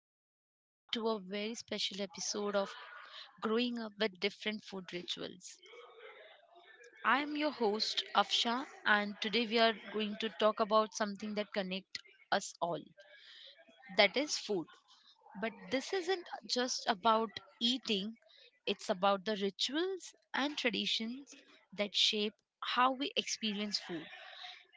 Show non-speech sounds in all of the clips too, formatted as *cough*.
Welcome everyone to a very special episode of Growing Up with Different Food Rituals. I am your host Afsha and today we are going to talk about something that connects us all. That is food. But this isn't just about eating, it's about the rituals and traditions that shape how we experience food.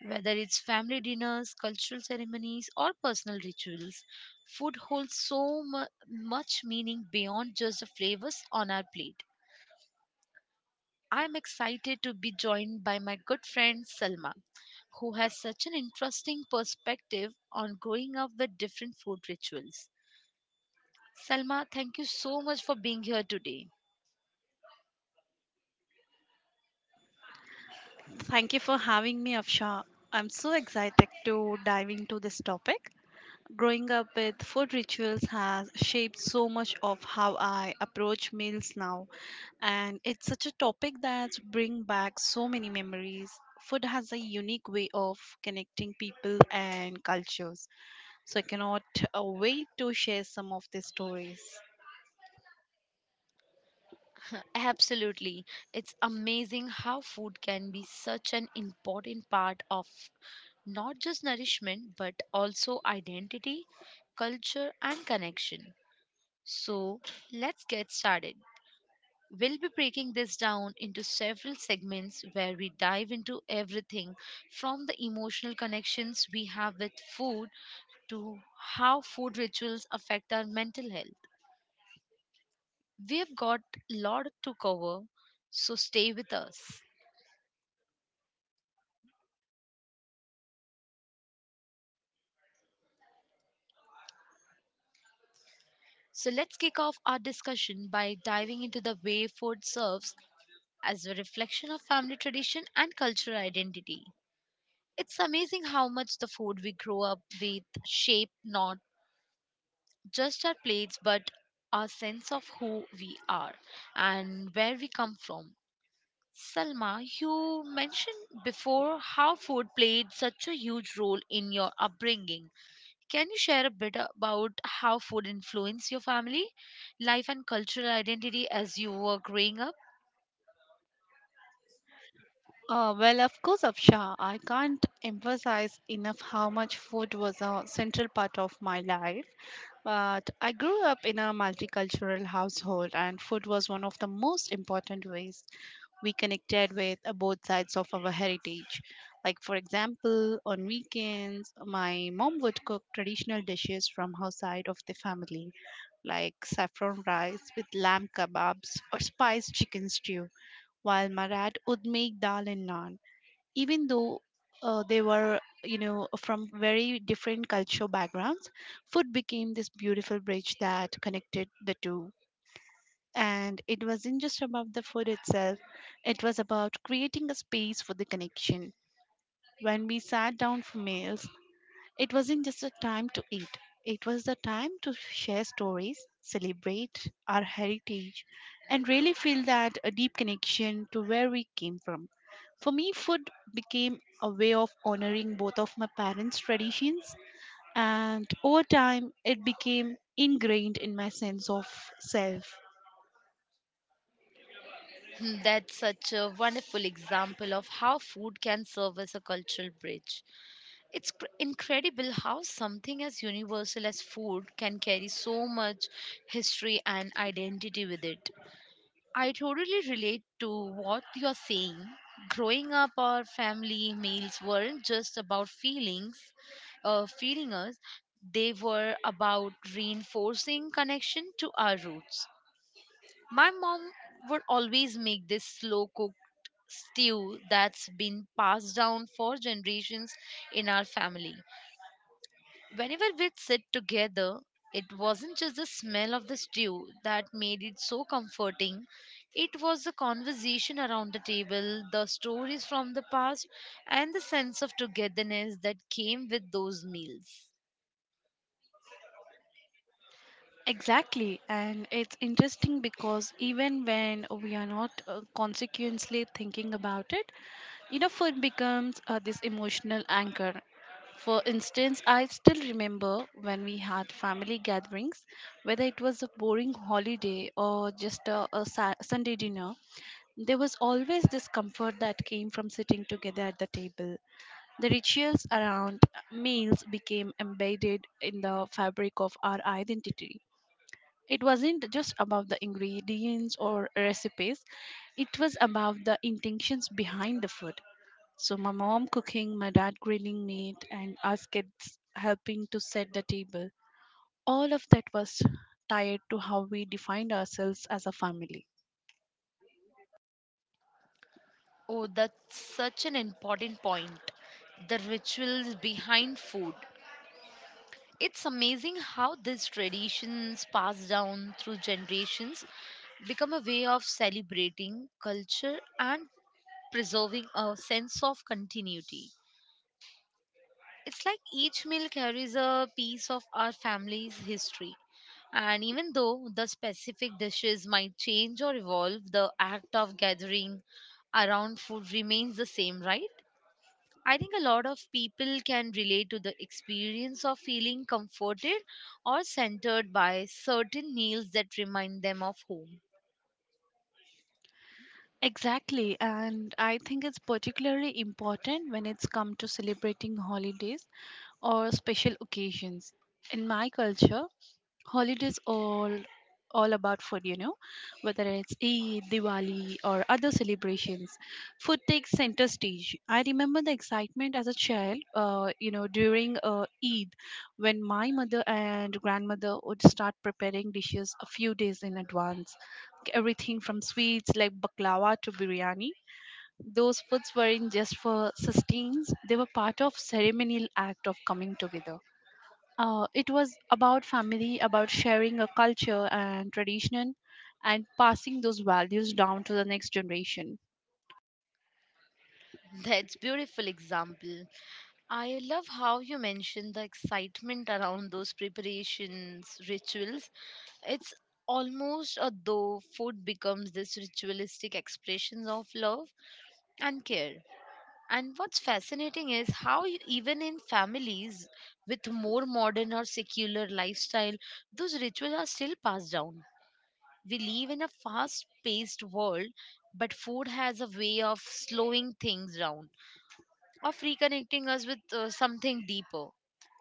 Whether it's family dinners, cultural ceremonies, or personal rituals, food holds so much meaning beyond just the flavors on our plate. I'm excited to be joined by my good friend Selma, who has such an interesting perspective on growing up with different food rituals. Selma, thank you so much for being here today. Thank you for having me, Afsha. I'm so excited to dive into this topic. Growing up with food rituals has shaped so much of how I approach meals now, and it's such a topic that brings back so many memories. Food has a unique way of connecting people and cultures, so I cannot wait to share some of these stories. Absolutely. It's amazing how food can be such an important part of not just nourishment but also identity, culture, and connection. So, let's get started. We'll be breaking this down into several segments where we dive into everything from the emotional connections we have with food to how food rituals affect our mental health. We've got a lot to cover, so stay with us. So let's kick off our discussion by diving into the way food serves as a reflection of family tradition and cultural identity. It's amazing how much the food we grow up with shape not just our plates but our sense of who we are and where we come from. Salma, you mentioned before how food played such a huge role in your upbringing. Can you share a bit about how food influenced your family life and cultural identity as you were growing up? Well, of course, Afsha, I can't emphasize enough how much food was a central part of my life. But I grew up in a multicultural household, and food was one of the most important ways we connected with both sides of our heritage. Like, for example, on weekends, my mom would cook traditional dishes from her side of the family, like saffron rice with lamb kebabs or spiced chicken stew while Marad would make dal and naan. Even though they were, from very different cultural backgrounds, food became this beautiful bridge that connected the two. And it wasn't just about the food itself, it was about creating a space for the connection. When we sat down for meals, it wasn't just a time to eat, it was the time to share stories, celebrate our heritage, and really feel that a deep connection to where we came from. For me, food became a way of honoring both of my parents' traditions, and over time, it became ingrained in my sense of self. Hmm. That's such a wonderful example of how food can serve as a cultural bridge. It's incredible how something as universal as food can carry so much history and identity with it. I totally relate to what you're saying. Growing up, our family meals weren't just about feeding us, they were about reinforcing connection to our roots. My mom would always make this slow cooked stew that's been passed down for generations in our family. Whenever we'd sit together, it wasn't just the smell of the stew that made it so comforting. It was the conversation around the table, the stories from the past, and the sense of togetherness that came with those meals. Exactly, and it's interesting because even when we are not consequently thinking about it, food becomes this emotional anchor. For instance, I still remember when we had family gatherings, whether it was a boring holiday or just a Sunday dinner, there was always this comfort that came from sitting together at the table. The rituals around meals became embedded in the fabric of our identity. It wasn't just about the ingredients or recipes, it was about the intentions behind the food. So, my mom cooking, my dad grilling meat, and us kids helping to set the table. All of that was tied to how we defined ourselves as a family. Oh, that's such an important point. The rituals behind food. It's amazing how these traditions passed down through generations become a way of celebrating culture and preserving a sense of continuity. It's like each meal carries a piece of our family's history. And even though the specific dishes might change or evolve, the act of gathering around food remains the same, right? I think a lot of people can relate to the experience of feeling comforted or centered by certain meals that remind them of home. Exactly, and I think it's particularly important when it's come to celebrating holidays or special occasions. In my culture, holidays all about food, whether it's eid, diwali, or other celebrations, food takes center stage. I remember the excitement as a child during eid, when my mother and grandmother would start preparing dishes a few days in advance, everything from sweets like baklava to biryani. Those foods weren't just for sustenance, they were part of ceremonial act of coming together. It was about family, about sharing a culture and tradition, and passing those values down to the next generation. That's beautiful example. I love how you mentioned the excitement around those preparations, rituals. It's almost as though food becomes this ritualistic expressions of love and care. And what's fascinating is how you, even in families with more modern or secular lifestyle, those rituals are still passed down. We live in a fast-paced world, but food has a way of slowing things down, of reconnecting us with something deeper,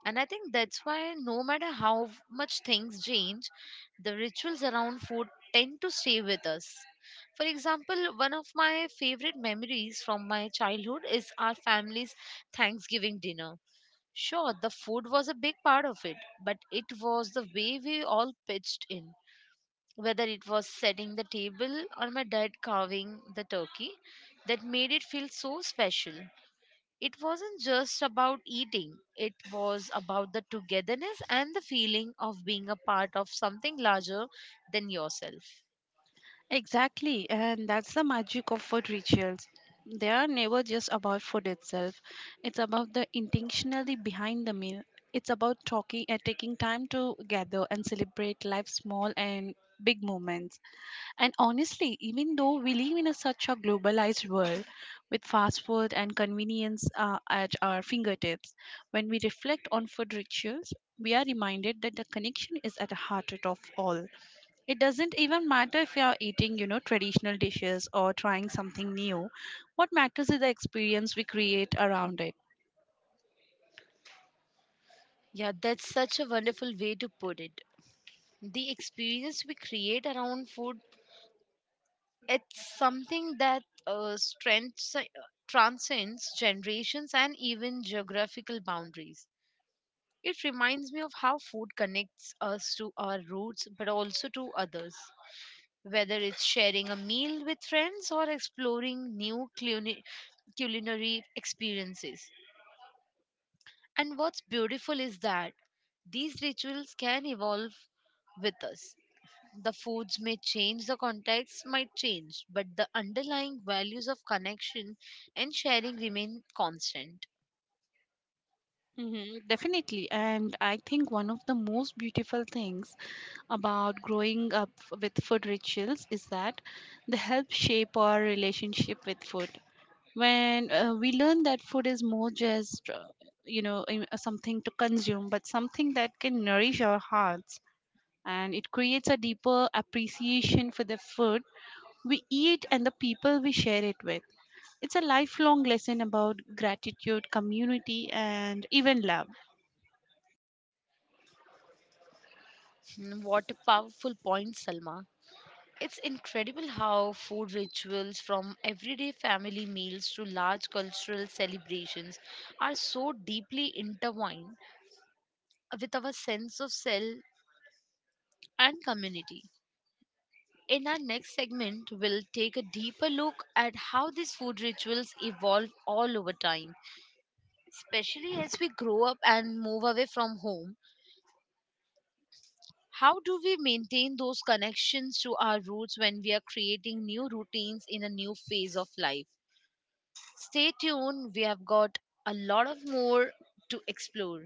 and I think that's why, no matter how much things change, the rituals around food tend to stay with us. For example, one of my favorite memories from my childhood is our family's Thanksgiving dinner. Sure, the food was a big part of it, but it was the way we all pitched in. Whether it was setting the table or my dad carving the turkey, that made it feel so special. It wasn't just about eating, it was about the togetherness and the feeling of being a part of something larger than yourself. Exactly, and that's the magic of food rituals. They are never just about food itself. It's about the intentionally behind the meal. It's about talking and taking time to gather and celebrate life's small and big moments. And honestly, even though we live in a, such a globalized world with fast food and convenience at our fingertips, when we reflect on food rituals, we are reminded that the connection is at the heart of all. It doesn't even matter if you are eating, traditional dishes or trying something new. What matters is the experience we create around it. Yeah, that's such a wonderful way to put it. The experience we create around food, it's something that transcends generations and even geographical boundaries. It reminds me of how food connects us to our roots but also to others, whether it's sharing a meal with friends or exploring new culinary experiences. And what's beautiful is that these rituals can evolve with us. The foods may change, the context might change, but the underlying values of connection and sharing remain constant. Hmm, definitely. And I think one of the most beautiful things about growing up with food rituals is that they help shape our relationship with food. When we learn that food is more just, something to consume, but something that can nourish our hearts, and it creates a deeper appreciation for the food we eat and the people we share it with. It's a lifelong lesson about gratitude, community, and even love. Mm. What a powerful point, Salma. It's incredible how food rituals, from everyday family meals to large cultural celebrations, are so deeply intertwined with our sense of self and community. In our next segment, we'll take a deeper look at how these food rituals evolve all over time, especially as we grow up and move away from home. How do we maintain those connections to our roots when we are creating new routines in a new phase of life? Stay tuned, we have got a lot of more to explore.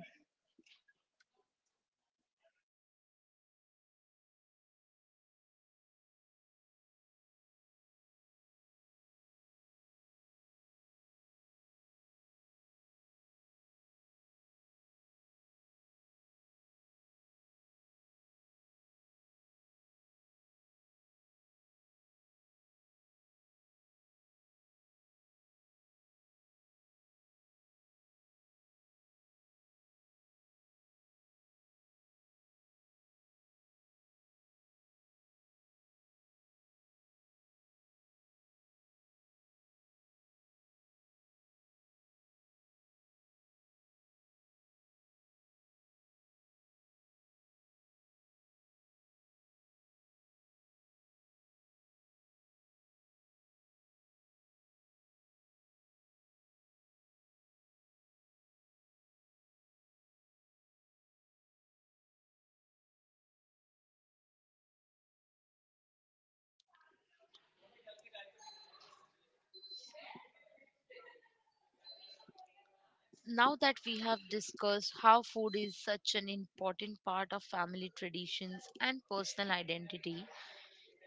Now that we have discussed how food is such an important part of family traditions and personal identity,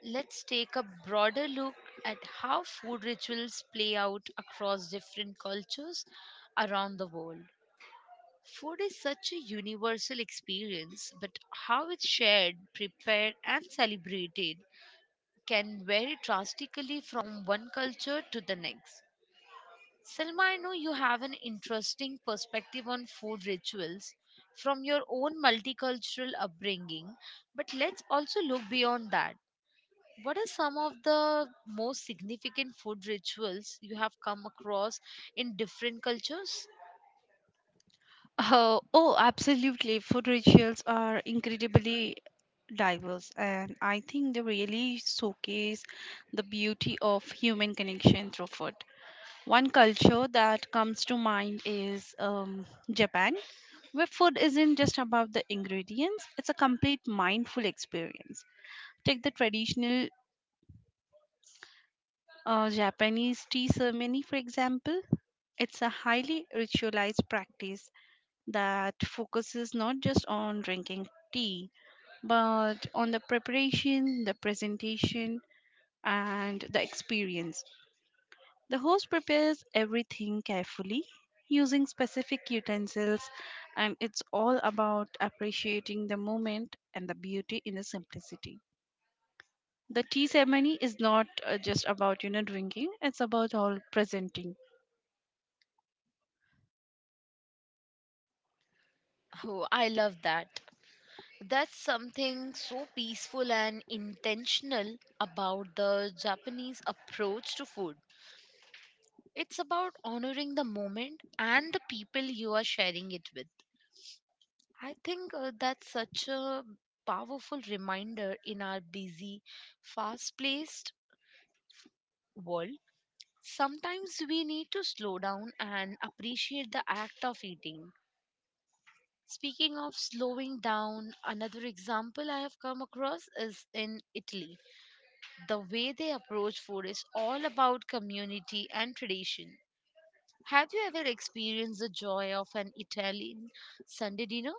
let's take a broader look at how food rituals play out across different cultures around the world. Food is such a universal experience, but how it's shared, prepared, and celebrated can vary drastically from one culture to the next. Selma, I know you have an interesting perspective on food rituals from your own multicultural upbringing, but let's also look beyond that. What are some of the most significant food rituals you have come across in different cultures? Oh, absolutely. Food rituals are incredibly diverse, and I think they really showcase the beauty of human connection through food. One culture that comes to mind is Japan, where food isn't just about the ingredients, it's a complete mindful experience. Take the traditional Japanese tea ceremony, for example. It's a highly ritualized practice that focuses not just on drinking tea, but on the preparation, the presentation, and the experience. The host prepares everything carefully using specific utensils, and it's all about appreciating the moment and the beauty in the simplicity. The tea ceremony is not just about drinking; it's about all presenting. Oh, I love that. That's something so peaceful and intentional about the Japanese approach to food. It's about honoring the moment and the people you are sharing it with. I think that's such a powerful reminder in our busy, fast paced world. Sometimes we need to slow down and appreciate the act of eating. Speaking of slowing down, another example I have come across is in Italy. The way they approach food is all about community and tradition. Have you ever experienced the joy of an Italian Sunday dinner?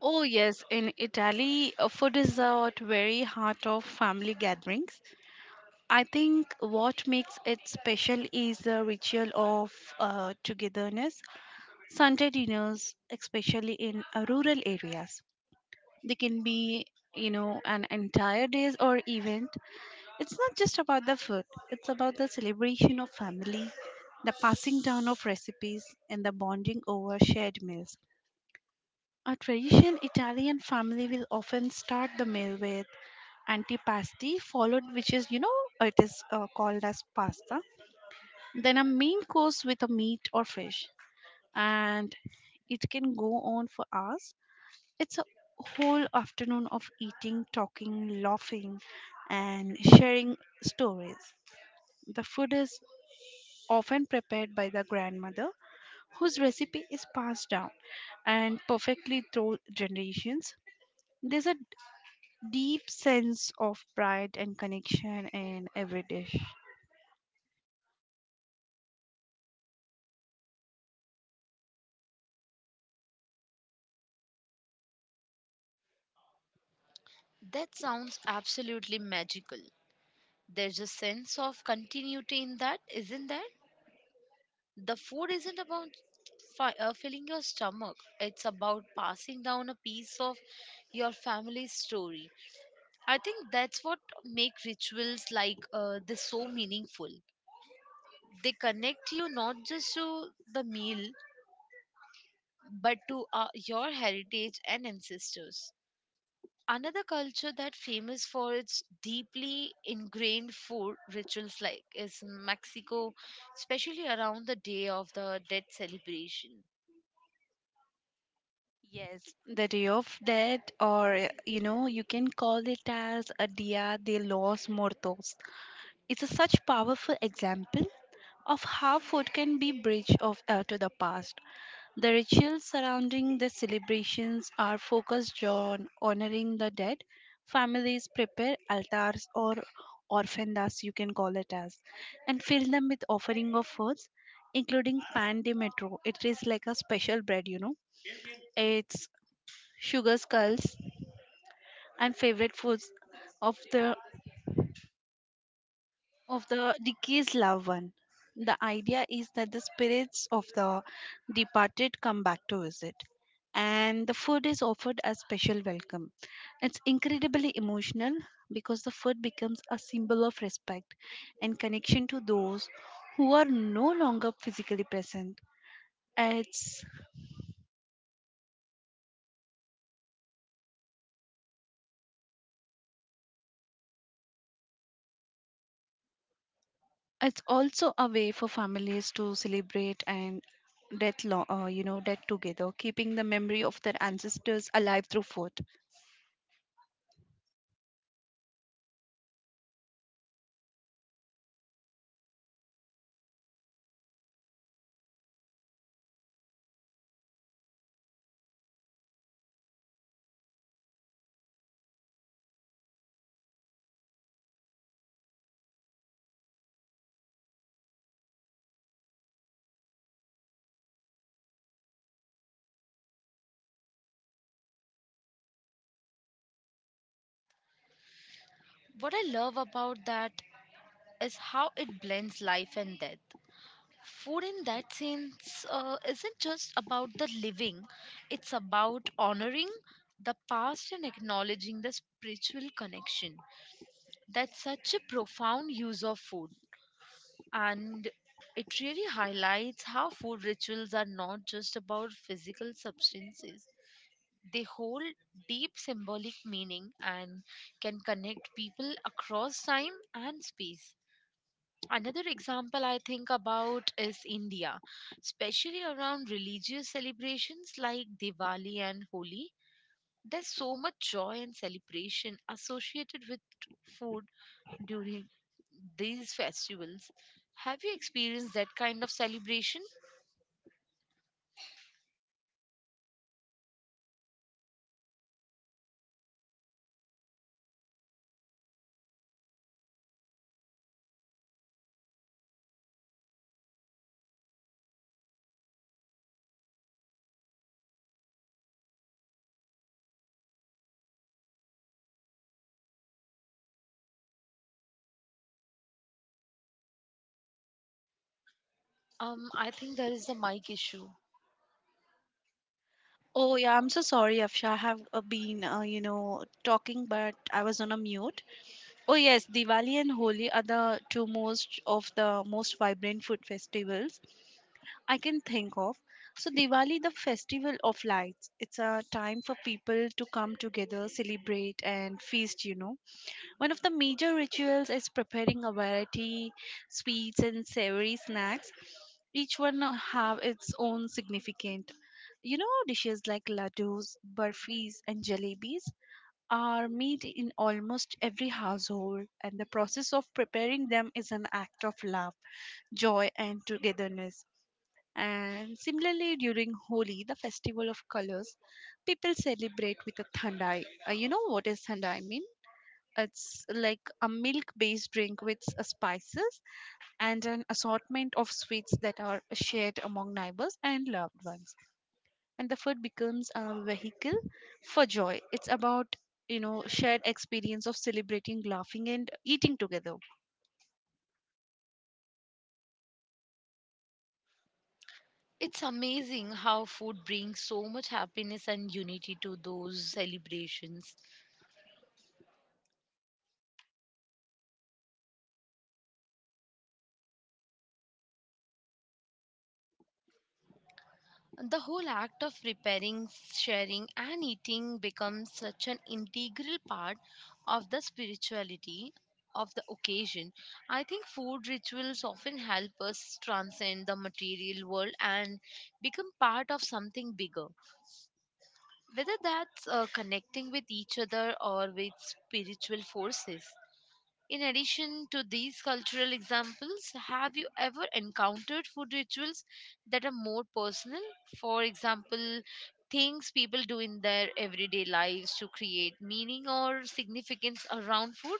Oh, yes, in Italy, food is at very heart of family gatherings. I think what makes it special is the ritual of togetherness. Sunday dinners, especially in rural areas, they can be, an entire days or event. It's not just about the food; it's about the celebration of family, the passing down of recipes, and the bonding over shared meals. A traditional Italian family will often start the meal with antipasti, followed, which is, it is called as pasta. Then a main course with a meat or fish, and it can go on for hours. It's a whole afternoon of eating, talking, laughing, and sharing stories. The food is often prepared by the grandmother, whose recipe is passed down and perfectly through generations. There's a deep sense of pride and connection in every dish. That sounds absolutely magical. There's a sense of continuity in that, isn't there? The food isn't about filling your stomach, it's about passing down a piece of your family's story. I think that's what make rituals like this so meaningful. They connect you not just to the meal but to your heritage and ancestors. Another culture that famous for its deeply ingrained food rituals like is Mexico, especially around the Day of the Dead celebration. Yes, the day of death, or you can call it as a Dia de los Muertos. It's a such powerful example of how food can be bridge of to the past. The rituals surrounding the celebrations are focused on honoring the dead. Families prepare altars or orphandas, you can call it as, and fill them with offering of foods, including pan de metro. It is like a special bread, you know. It's sugar skulls and favorite foods of the deceased loved one. The idea is that the spirits of the departed come back to visit, and the food is offered as special welcome. It's incredibly emotional because the food becomes a symbol of respect and connection to those who are no longer physically present. It's it's also a way for families to celebrate and death, death together, keeping the memory of their ancestors alive through food. What I love about that is how it blends life and death. Food in that sense isn't just about the living, it's about honoring the past and acknowledging the spiritual connection. That's such a profound use of food, and it really highlights how food rituals are not just about physical substances. They hold deep symbolic meaning and can connect people across time and space. Another example I think about is India, especially around religious celebrations like Diwali and Holi. There's so much joy and celebration associated with food during these festivals. Have you experienced that kind of celebration? I think there is the mic issue. Oh, yeah, I'm so sorry, Afsha. I have been, talking, but I was on a mute. Oh, yes, Diwali and Holi are the two most of the most vibrant food festivals I can think of. So, Diwali, the festival of lights, it's a time for people to come together, celebrate, and feast, you know. One of the major rituals is preparing a variety sweets and savory snacks. Each one have its own significant. You know, dishes like laddus, burfis, and jalebis are made in almost every household, and the process of preparing them is an act of love, joy, and togetherness. And similarly, during Holi, the festival of colors, people celebrate with a thandai. You know what is thandai mean? It's like a milk based drink with spices and an assortment of sweets that are shared among neighbors and loved ones. And the food becomes a vehicle for joy. It's about shared experience of celebrating, laughing, and eating together. It's amazing how food brings so much happiness and unity to those celebrations. The whole act of preparing, sharing, and eating becomes such an integral part of the spirituality of the occasion. I think food rituals often help us transcend the material world and become part of something bigger, whether that's connecting with each other or with spiritual forces. In addition to these cultural examples, have you ever encountered food rituals that are more personal? For example, things people do in their everyday lives to create meaning or significance around food?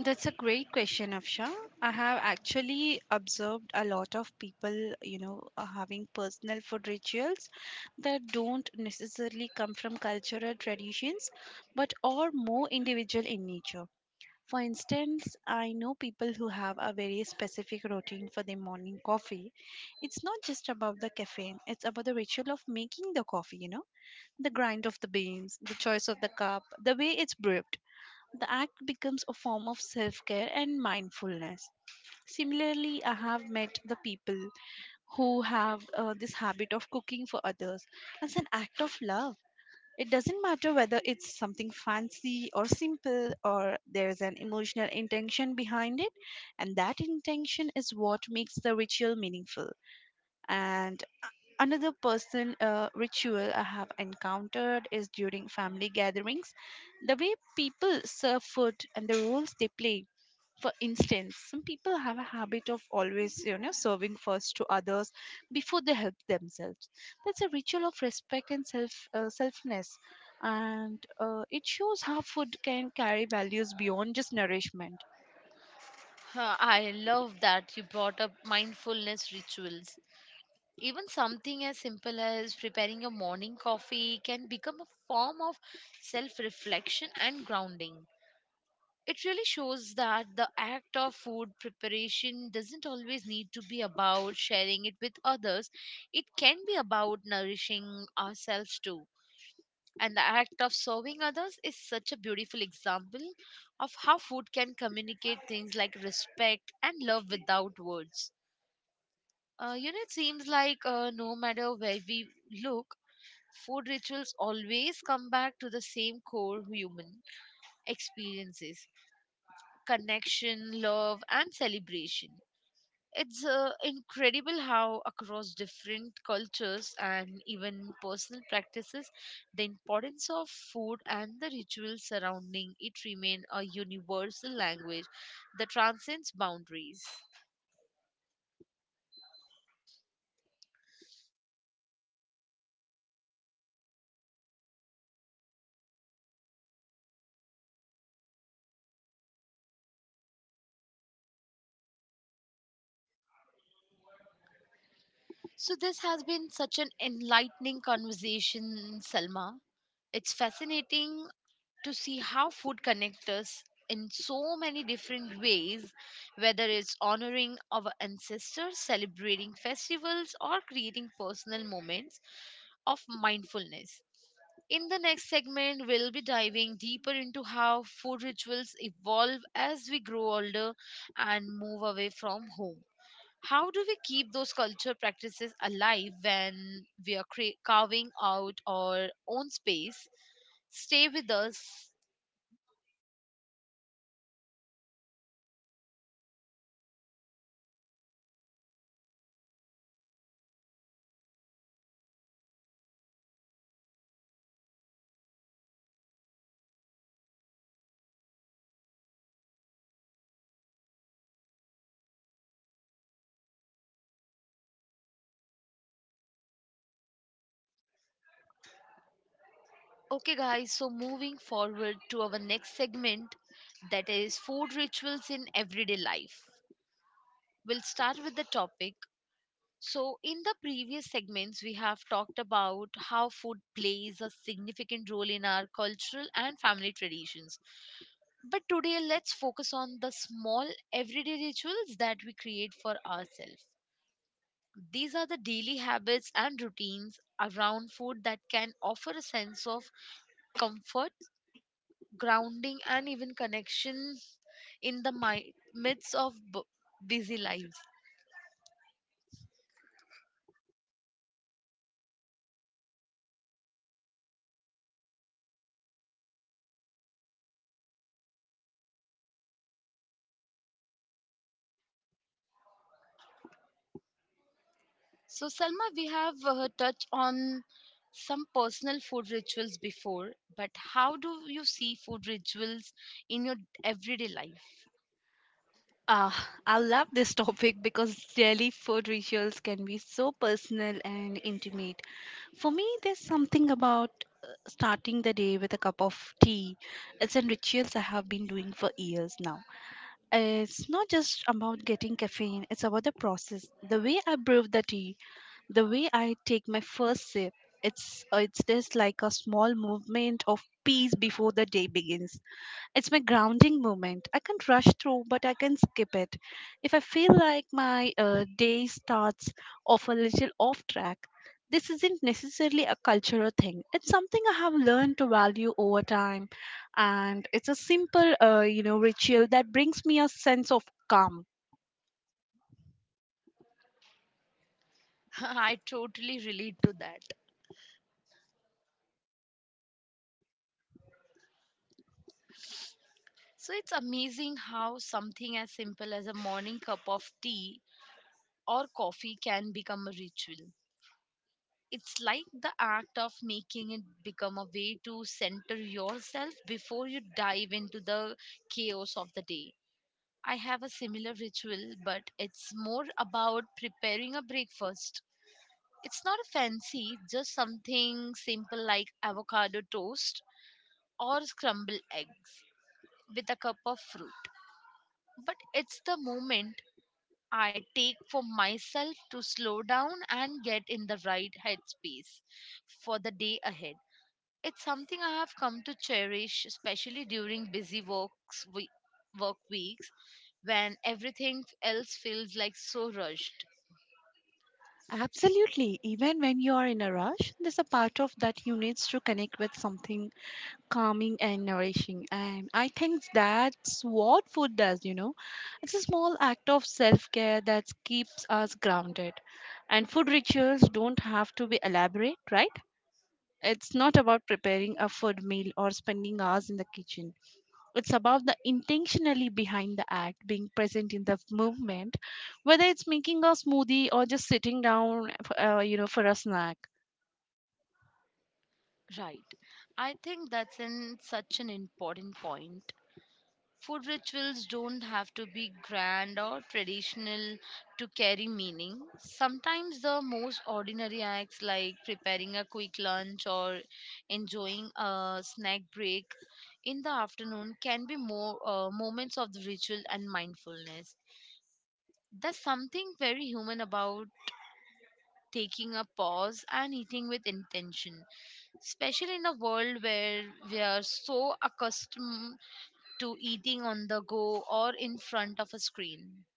That's a great question, Afsha. I have actually observed a lot of people, having personal food rituals that don't necessarily come from cultural traditions, but are more individual in nature. For instance, I know people who have a very specific routine for their morning coffee. It's not just about the caffeine, it's about the ritual of making the coffee, you know, the grind of the beans, the choice of the cup, the way it's brewed. The act becomes a form of self care and mindfulness. Similarly, I have met the people who have this habit of cooking for others as an act of love. It doesn't matter whether it's something fancy or simple, or there's an emotional intention behind it, and that intention is what makes the ritual meaningful. And another personal ritual I have encountered is during family gatherings, the way people serve food and the roles they play. For instance, some people have a habit of always, serving first to others before they help themselves. That's a ritual of respect and selfness, and it shows how food can carry values beyond just nourishment. Huh, I love that you brought up mindfulness rituals. Even something as simple as preparing a morning coffee can become a form of self reflection and grounding. It really shows that the act of food preparation doesn't always need to be about sharing it with others, it can be about nourishing ourselves too. And the act of serving others is such a beautiful example of how food can communicate things like respect and love without words. It seems like no matter where we look, food rituals always come back to the same core human experiences: connection, love, and celebration. It's incredible how, across different cultures and even personal practices, the importance of food and the rituals surrounding it remain a universal language that transcends boundaries. So, this has been such an enlightening conversation, Salma. It's fascinating to see how food connects us in so many different ways, whether it's honoring our ancestors, celebrating festivals, or creating personal moments of mindfulness. In the next segment, we'll be diving deeper into how food rituals evolve as we grow older and move away from home. How do we keep those culture practices alive when we are carving out our own space? Stay with us. Okay, guys, so moving forward to our next segment, that is food rituals in everyday life. We'll start with the topic. So, in the previous segments, we have talked about how food plays a significant role in our cultural and family traditions. But today, let's focus on the small everyday rituals that we create for ourselves. These are the daily habits and routines around food that can offer a sense of comfort, grounding, and even connection in the midst of busy lives. So, Salma, we have touched on some personal food rituals before, but how do you see food rituals in your everyday life? Ah, I love this *laughs* topic because daily food rituals can be so personal and intimate. For me, there's something about starting the day with a cup of tea. It's a rituals I have been doing for years now. It's not just about getting caffeine, it's about the process. The way I brew the tea, the way I take my first sip, it's just like a small movement of peace before the day begins. It's my grounding moment. I can't rush through, but I can skip it. If I feel like my day starts off a little off track, this isn't necessarily a cultural thing. It's something I have learned to value over time, and it's a simple, ritual that brings me a sense of calm. *laughs* I totally relate to that. So, it's amazing how something as simple as a morning cup of tea or coffee can become a ritual. It's like the act of making it become a way to center yourself before you dive into the chaos of the day. I have a similar ritual, but it's more about preparing a breakfast. It's not fancy, just something simple like avocado toast or scrambled eggs with a cup of fruit. But it's the moment I take for myself to slow down and get in the right headspace for the day ahead. It's something I have come to cherish, especially during busy work weeks when everything else feels like so rushed. Absolutely. Even when you are in a rush, there's a part of that you needs to connect with something calming and nourishing, and I think that's what food does, you know. It's a small act of self-care that keeps us grounded, and food rituals don't have to be elaborate, right? It's not about preparing a food meal or spending hours in the kitchen. It's about the intentionally behind the act, being present in the movement, whether it's making a smoothie or just sitting down, you know, for a snack. Right. I think that's in such an important point. Food rituals don't have to be grand or traditional to carry meaning. Sometimes the most ordinary acts, like preparing a quick lunch or enjoying a snack break in the afternoon, can be more moments of the ritual and mindfulness. There's something very human about taking a pause and eating with intention, especially in a world where we are so accustomed to eating on the go or in front of a screen.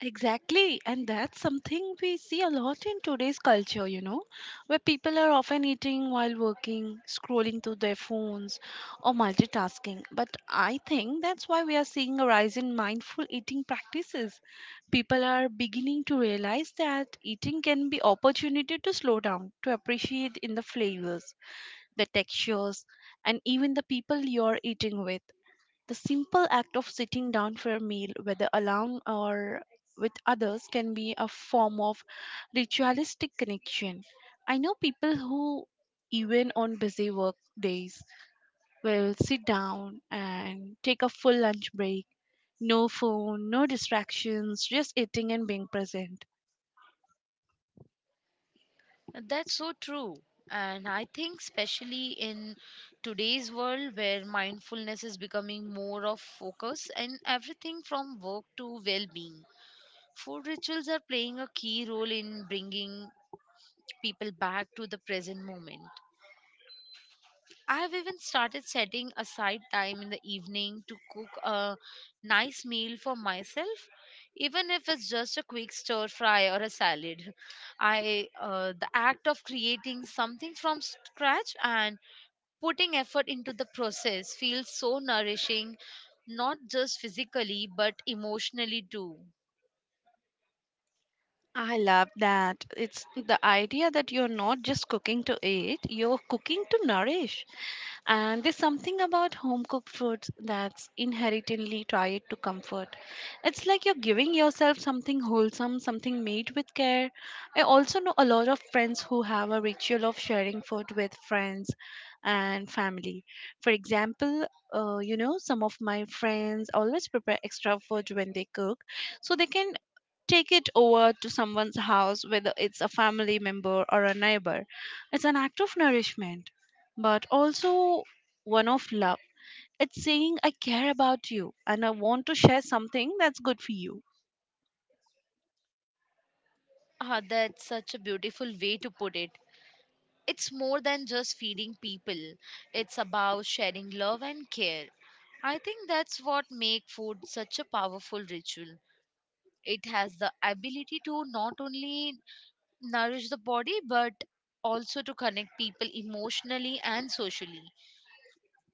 Exactly, and that's something we see a lot in today's culture, you know, where people are often eating while working, scrolling through their phones, or multitasking. But I think that's why we are seeing a rise in mindful eating practices. People are beginning to realize that eating can be opportunity to slow down, to appreciate in the flavors, the textures, and even the people you're eating with. The simple act of sitting down for a meal, whether alone or with others, can be a form of ritualistic connection. I know people who, even on busy work days, will sit down and take a full lunch break. No phone, no distractions, just eating and being present. That's so true. And I think, especially in today's world where mindfulness is becoming more of focus and everything from work to well being, food rituals are playing a key role in bringing people back to the present moment. I've even started setting aside time in the evening to cook a nice meal for myself, even if it's just a quick stir fry or a salad. I The act of creating something from scratch and putting effort into the process feels so nourishing, not just physically but emotionally too. I love that. It's the idea that you're not just cooking to eat, you're cooking to nourish. And there's something about home cooked foods that's inherently tied to comfort. It's like you're giving yourself something wholesome, something made with care. I also know a lot of friends who have a ritual of sharing food with friends and family. For example, you know, some of my friends always prepare extra food when they cook so they can take it over to someone's house, whether it's a family member or a neighbor. It's an act of nourishment, but also one of love. It's saying, I care about you and I want to share something that's good for you. Ah, that's such a beautiful way to put it. It's more than just feeding people. It's about sharing love and care. I think that's what makes food such a powerful ritual. It has the ability to not only nourish the body but also to connect people emotionally and socially.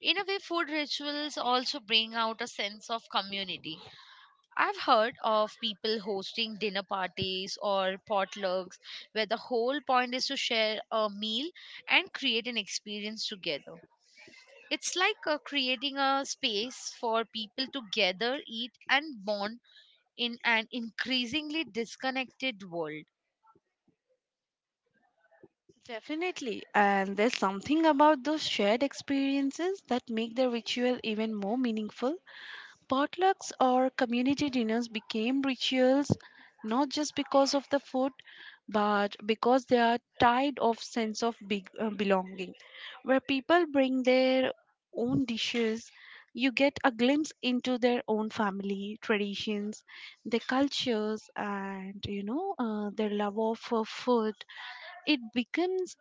In a way, food rituals also bring out a sense of community. I've heard of people hosting dinner parties or potlucks where the whole point is to share a meal and create an experience together. It's like creating a space for people to gather, eat, and bond in an increasingly disconnected world. Definitely. And there's something about those shared experiences that make the ritual even more meaningful. Potlucks or community dinners became rituals not just because of the food, but because they are tied of sense of belonging, where people bring their own dishes. You get a glimpse into their own family traditions, their cultures, and you know, their love of food. It becomes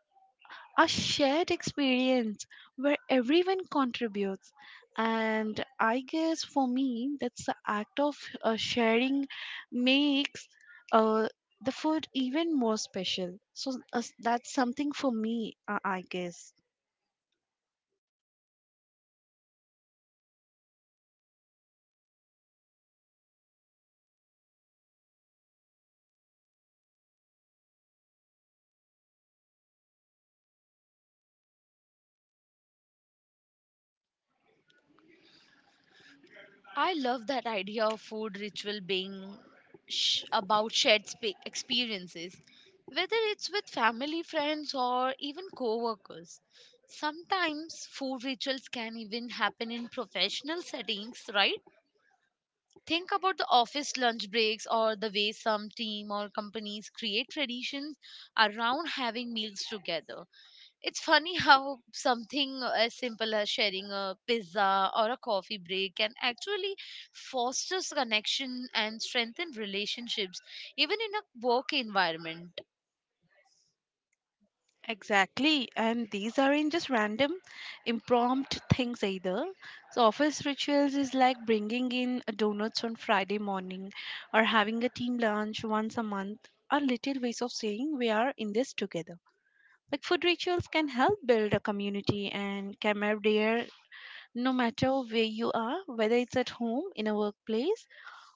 a shared experience where everyone contributes. And I guess for me, that's the act of sharing makes uh, the food even more special. So that's something for me, I guess. I love that idea of food ritual being about shared spa experiences, whether it's with family, friends, or even co workers. Sometimes food rituals can even happen in professional settings, right? Think about the office lunch breaks or the way some team or companies create traditions around having meals together. It's funny *laughs* how something as simple as sharing a pizza or a coffee break can actually foster connection and strengthen relationships, even in a work environment. Exactly, and these aren't just random, impromptu things either. So, office rituals is like bringing in donuts on Friday morning or having a team lunch once a month are little ways of saying we are in this together. Like, food rituals can help build a community and camaraderie no matter where you are, whether it's at home, in a workplace,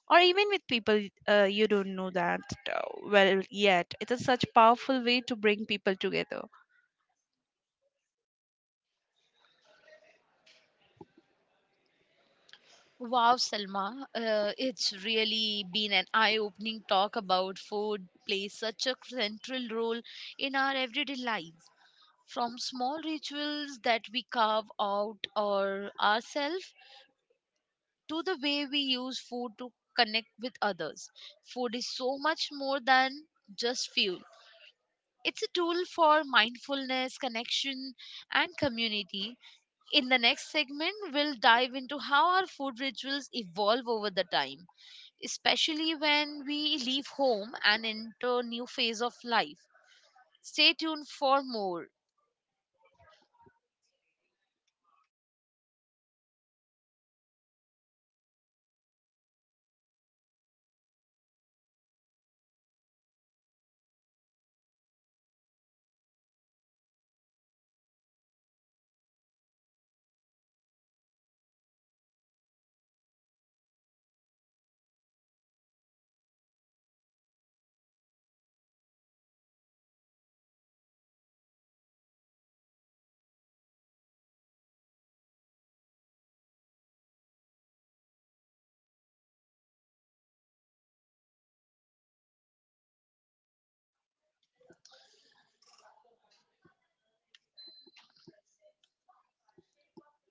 or even with people, you don't know that uh, well yet. It is such powerful way to bring people together. Wow, Selma, it's really been an eye opening talk about food plays such a central role in our everyday lives. From small rituals that we carve out or ourselves to the way we use food to connect with others. Food is so much more than just fuel. It's a tool for mindfulness, connection, and community. In the next segment, we'll dive into how our food rituals evolve over the time, especially when we leave home and enter new phase of life. Stay tuned for more.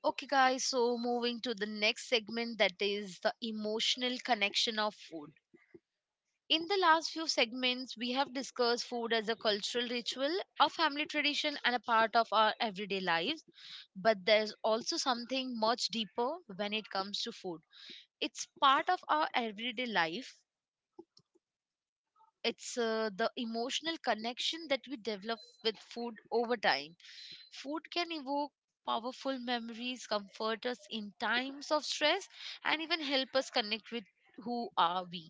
Okay, guys, so moving to the next segment that is the emotional connection of food. In the last few segments, we have discussed food as a cultural ritual, a family tradition, and a part of our everyday lives. But there's also something much deeper when it comes to food. It's part of our everyday life, it's the emotional connection that we develop with food over time. Food can evoke powerful memories, comfort us in times of stress, and even help us connect with who are we.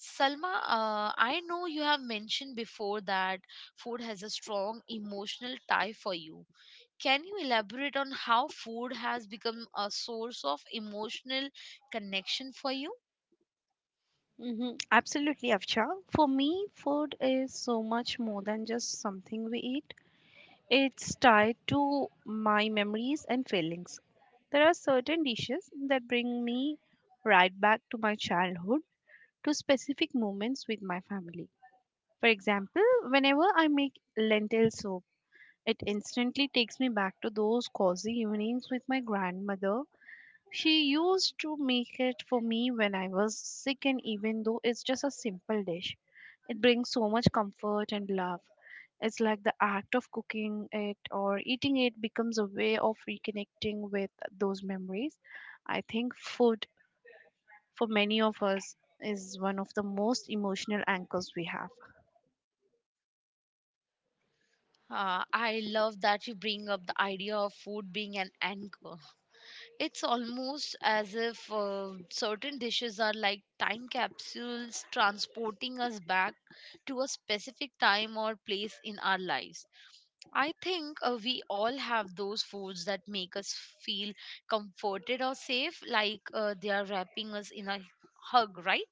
Salma, I know you have mentioned before that food has a strong emotional tie for you. Can you elaborate on how food has become a source of emotional connection for you? Hmm. Absolutely, Afsha. For me, food is so much more than just something we eat. It's tied to my memories and feelings. There are certain dishes that bring me right back to my childhood, to specific moments with my family. For example, whenever I make lentil soup, it instantly takes me back to those cozy evenings with my grandmother. She used to make it for me when I was sick, and even though it's just a simple dish, it brings so much comfort and love. It's like the act of cooking it or eating it becomes a way of reconnecting with those memories. I think food, for many of us, is one of the most emotional anchors we have. I love that you bring up the idea of food being an anchor. It's almost as if certain dishes are like time capsules transporting us back to a specific time or place in our lives. I think we all have those foods that make us feel comforted or safe, like they are wrapping us in a hug, right?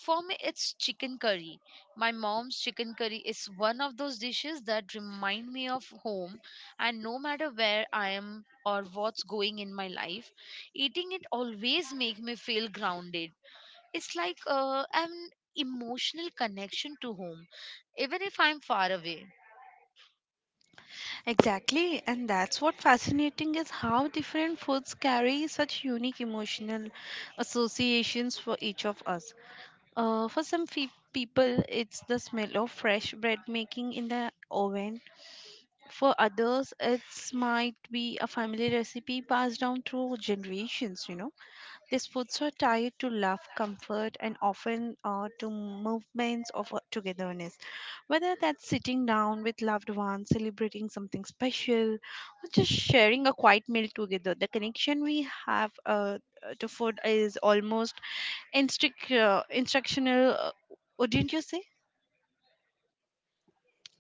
For me, it's chicken curry. My mom's chicken curry is one of those dishes that remind me of home, and no matter where I am or what's going in my life, eating it always makes me feel grounded. It's like an emotional connection to home, even if I'm far away. Exactly, and that's what fascinating is how different foods carry such unique emotional associations for each of us. For some people, it's the smell of fresh bread making in the oven. For others, it's might be a family recipe passed down through generations. You know, these foods are tied to love, comfort, and often to movements of togetherness. Whether that's sitting down with loved ones, celebrating something special, or just sharing a quiet meal together, the connection we have to food is almost instructional, what didn't you say?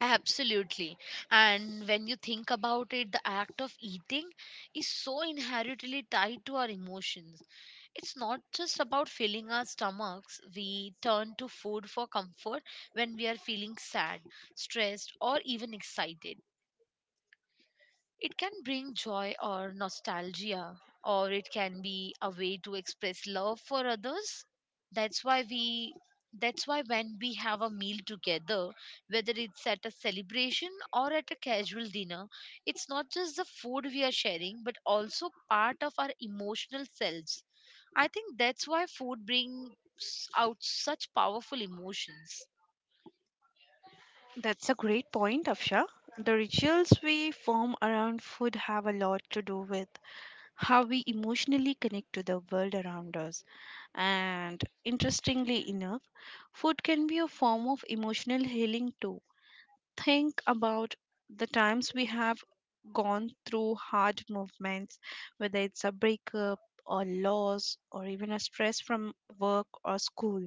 Absolutely. And when you think about it, the act of eating is so inherently tied to our emotions. It's not just about filling our stomachs. We turn to food for comfort when we are feeling sad, stressed, or even excited. It can bring joy or nostalgia, or it can be a way to express love for others. That's why we that's why when we have a meal together, whether it's at a celebration or at a casual dinner, it's not just the food we are sharing, but also part of our emotional selves. I think that's why food brings out such powerful emotions. That's a great point, Afsha. The rituals we form around food have a lot to do with how we emotionally connect to the world around us. And interestingly enough, food can be a form of emotional healing too. Think about the times we have gone through hard movements, whether it's a breakup or loss or even a stress from work or school,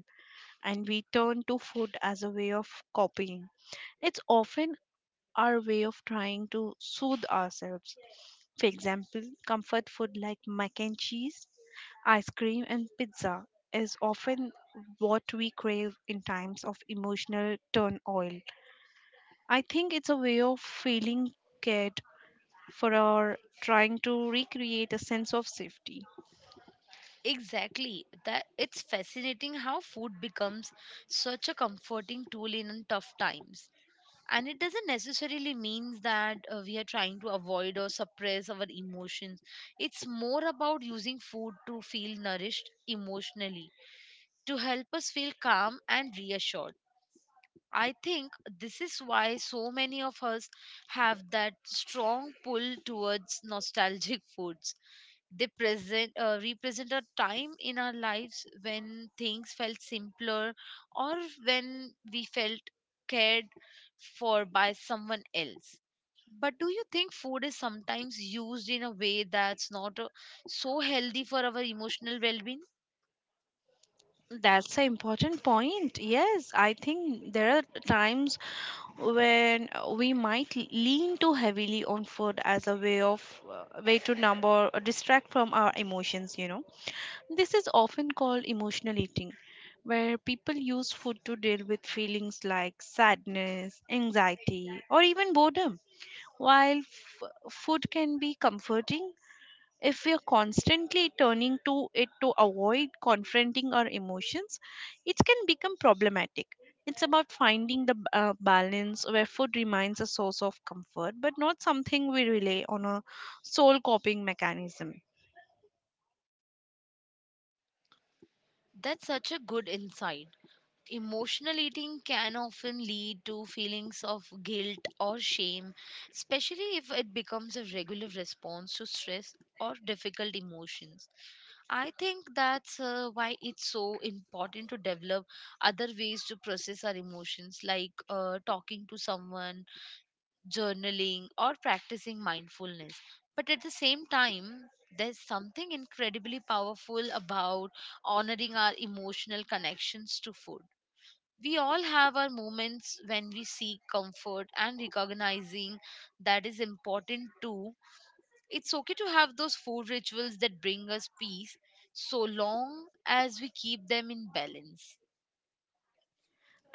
and we turn to food as a way of coping. It's often our way of trying to soothe ourselves. For example, comfort food like mac and cheese, ice cream, and pizza is often what we crave in times of emotional turmoil. I think it's a way of feeling cared for or trying to recreate a sense of safety. Exactly. That it's fascinating how food becomes such a comforting tool in tough times. And it doesn't necessarily mean that we are trying to avoid or suppress our emotions. It's more about using food to feel nourished emotionally, to help us feel calm and reassured. I think this is why so many of us have that strong pull towards nostalgic *laughs* foods they present represent a time in our lives when things felt simpler or when we felt cared for by someone else. But do you think food is sometimes used in a way that's not so healthy for our emotional well-being? That's an important point. Yes, I think there are times when we might lean too heavily on food as a way of way to number or distract from our emotions, you know. This is often called emotional eating, where people use food to deal with feelings like sadness, anxiety, or even boredom. While food can be comforting, if we are constantly turning to it to avoid confronting our emotions, it can become problematic. It's about finding the balance where food remains a source of comfort, but not something we rely on a sole coping mechanism. That's such a good insight. Emotional eating can often lead to feelings of guilt or shame, especially if it becomes a regular response to stress or difficult emotions. I think that's why it's so important to develop other ways to process our emotions, like talking to someone, journaling, or practicing mindfulness. But at the same time, there's something incredibly powerful about honoring our emotional connections to food. We all have our moments when we seek comfort, and recognizing that is important too. It's okay to have those food rituals that bring us peace, so long as we keep them in balance.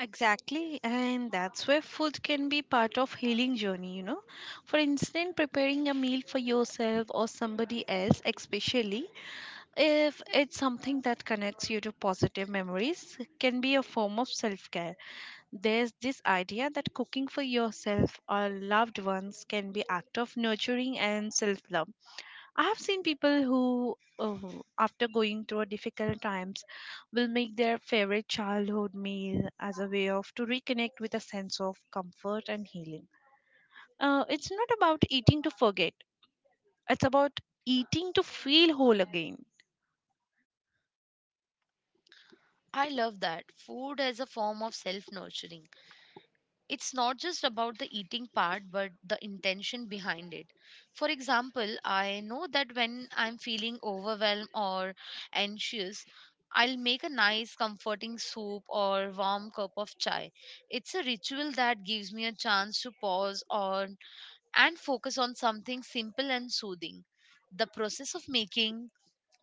Exactly, and that's where food can be part of healing journey, you know. For instance, preparing a meal for yourself or somebody else, especially if it's something that connects you to positive memories, can be a form of self-care. There's this idea that cooking for yourself or loved ones can be act of nurturing and self-love. I have seen people who, after going through difficult times, will make their favorite childhood meal as a way of to reconnect with a sense of comfort and healing. It's not about eating to forget; it's about eating to feel whole again. I love that food as a form of self nurturing. It's not just about the eating part but the intention behind it. For example, I know that when I'm feeling overwhelmed or anxious, I'll make a nice comforting soup or warm cup of chai. It's a ritual that gives me a chance to pause on and focus on something simple and soothing. The process of making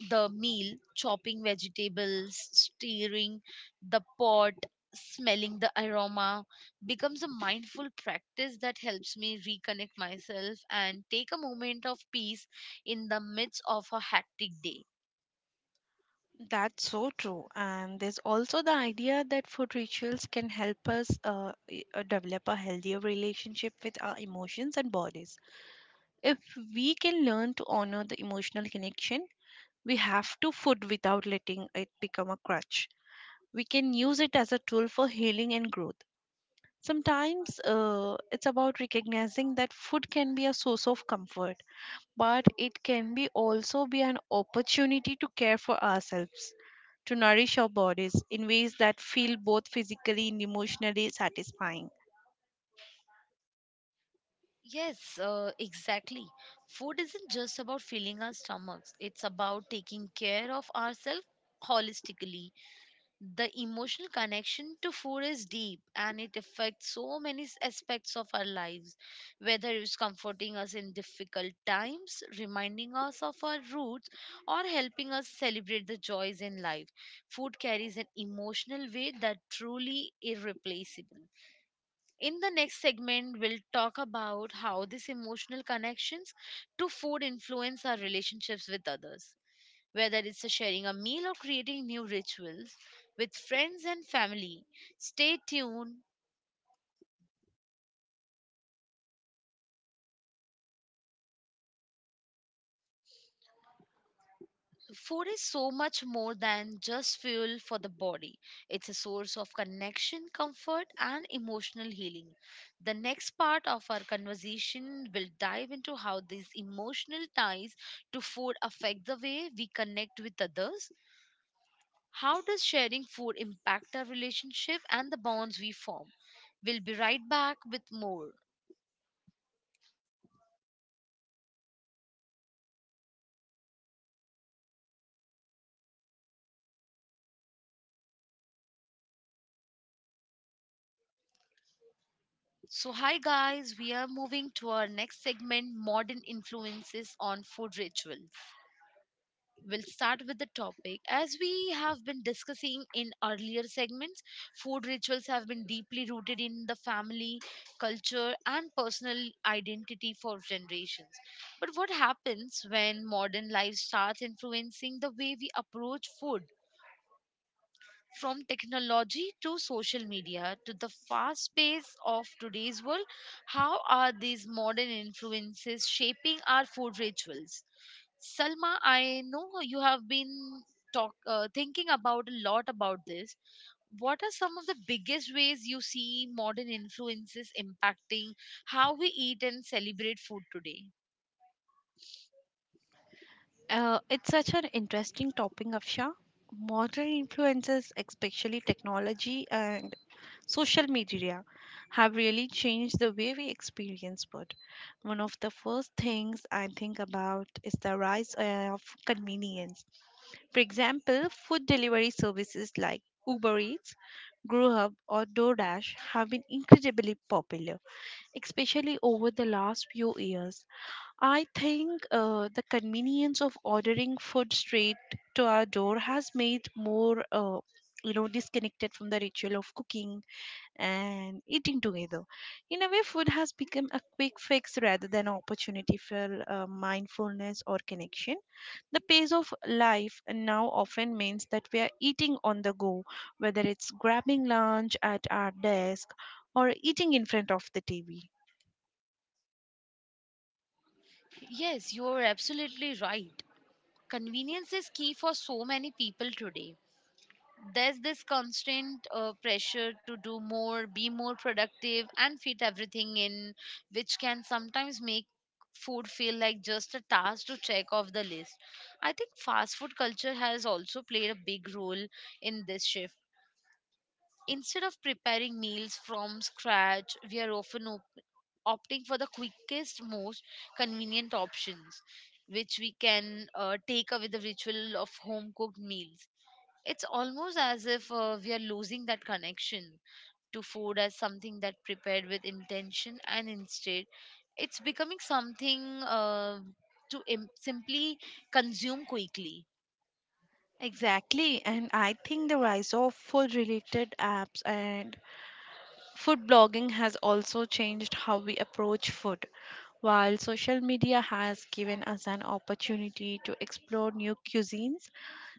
the meal, chopping vegetables, stirring the pot, smelling the aroma becomes a mindful practice that helps me reconnect myself and take a moment of peace in the midst of a hectic day. That's so true. And there's also the idea that food rituals can help us develop a healthier relationship with our emotions and bodies. If we can learn to honor the emotional connection we have to food without letting it become a crutch. We can use it as a tool for healing and growth. Sometimes it's about recognizing that food can be a source of comfort, but it can be also be an opportunity to care for ourselves, to nourish our bodies in ways that feel both physically and emotionally satisfying. Yes, exactly. Food isn't just about filling our stomachs, it's about taking care of ourselves holistically. The emotional connection to food is deep, and it affects so many aspects of our lives, whether it's comforting us in difficult times, reminding us of our roots, or helping us celebrate the joys in life. Food carries an emotional weight that truly irreplaceable. In the next segment, we'll talk about how these emotional connections to food influence our relationships with others, whether it's a sharing a meal or creating new rituals with friends and family. Stay tuned. Food is so much more than just fuel for the body. It's a source of connection, comfort, and emotional healing. The next part of our conversation will dive into how these emotional ties to food affect the way we connect with others. How does sharing food impact our relationship and the bonds we form? We'll be right back with more. So, hi guys, we are moving to our next segment modern influences on food rituals. We'll start with the topic. As we have been discussing in earlier segments, food rituals have been deeply rooted in the family, culture, and personal identity for generations. But what happens when modern life starts influencing the way we approach food? From technology to social media to the fast pace of today's world, how are these modern influences shaping our food rituals? Salma, I know you have been talk thinking about a lot about this. What are some of the biggest ways you see modern influences impacting how we eat and celebrate food today? It's such an interesting topic, Afsha. Modern influences, especially technology and social media, have really changed the way we experience food. One of the first things I think about is the rise of convenience. For example, food delivery services like Uber Eats, Grubhub, or DoorDash have been incredibly popular, especially over the last few years. I think the convenience of ordering food straight to our door has made more, you know, disconnected from the ritual of cooking and eating together. In a way, food has become a quick fix rather than an opportunity for mindfulness or connection. The pace of life now often means that we are eating on the go, whether it's grabbing lunch at our desk or eating in front of the TV. Yes, you are absolutely right. Convenience is key for so many people today. There's this constant pressure to do more, be more productive, and fit everything in, which can sometimes make food feel like just a task to check off the list. I think fast food culture has also played a big role in this shift. Instead of preparing meals from scratch, we are often opting for the quickest, most convenient options, which we can take away the ritual of home cooked meals. It's almost as if we are losing that connection to food as something that prepared with intention, and instead it's becoming something to simply consume quickly. Exactly, and I think the rise of food related apps and food blogging has also changed how we approach food. While social media has given us an opportunity to explore new cuisines,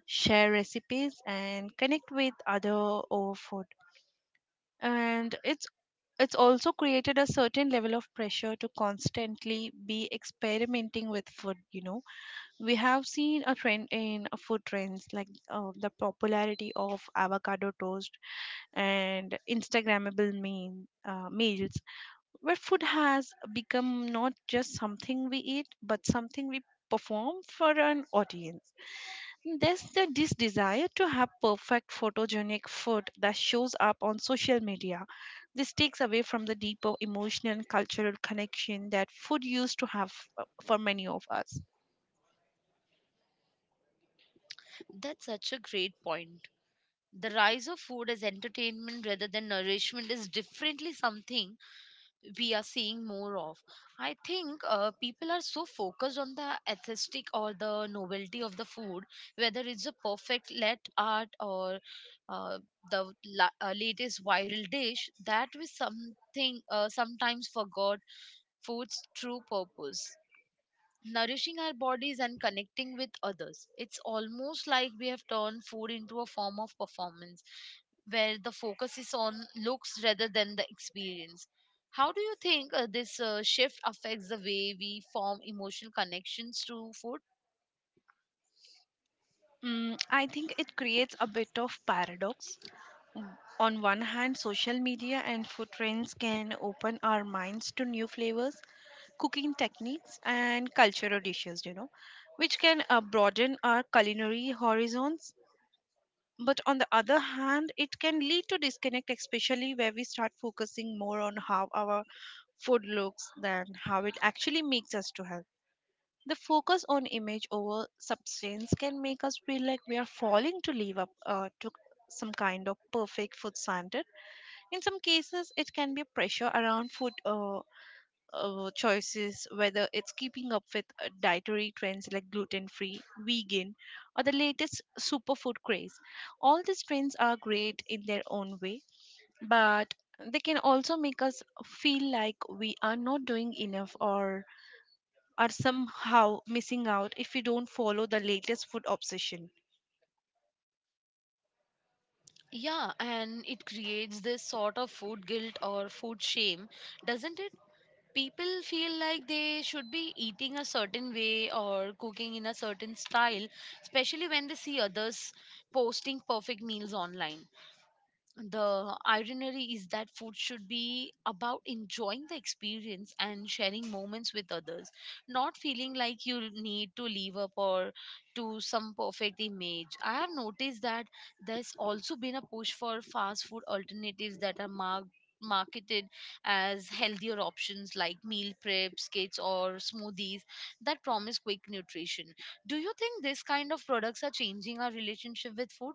share recipes, and connect with other over food, and it's also created a certain level of pressure to constantly be experimenting with food, you know. We have seen a trend in food trends like the popularity of avocado toast and meals, where food has become not just something we eat but something we perform for an audience. There's this desire to have perfect photogenic food that shows up on social media. This takes away from the deeper emotional and cultural connection that food used to have for many of us. That's such a great point. The rise of food as entertainment rather than nourishment is differently something we are seeing more of. I think people are so focused on the aesthetic or the novelty of the food, whether it's a perfect let art or uh, the latest viral dish, that we something sometimes forgot food's true purpose, nourishing our bodies and connecting with others. It's almost like we have turned food into a form of performance where the focus is on looks rather than the experience. How do you think this shift affects the way we form emotional connections to food? Mm, I think it creates a bit of paradox. On one hand, social media and food trends can open our minds to new flavors, cooking techniques, and cultural dishes, you know, which can broaden our culinary horizons. But on the other hand, it can lead to disconnect, especially where we start focusing more on how our food looks than how it actually makes us to health. The focus on image over substance can make us feel like we are falling to live up to some kind of perfect food standard. In some cases, it can be pressure around food choices, whether it's keeping up with dietary trends like gluten free, vegan, or the latest superfood craze. All these trends are great in their own way, but they can also make us feel like we are not doing enough or are somehow missing out if we don't follow the latest food obsession. Yeah, and it creates this sort of food guilt or food shame, doesn't it? People feel like they should be eating a certain way or cooking in a certain style, especially when they see others posting perfect meals online. The irony is that food should be about enjoying the experience and sharing moments with others, not feeling like you need to live up or to some perfect image. I have noticed that there's also been a push for fast food alternatives that are marked marketed as healthier options like meal preps kits or smoothies that promise quick nutrition. Do you think this kind of products are changing our relationship with food?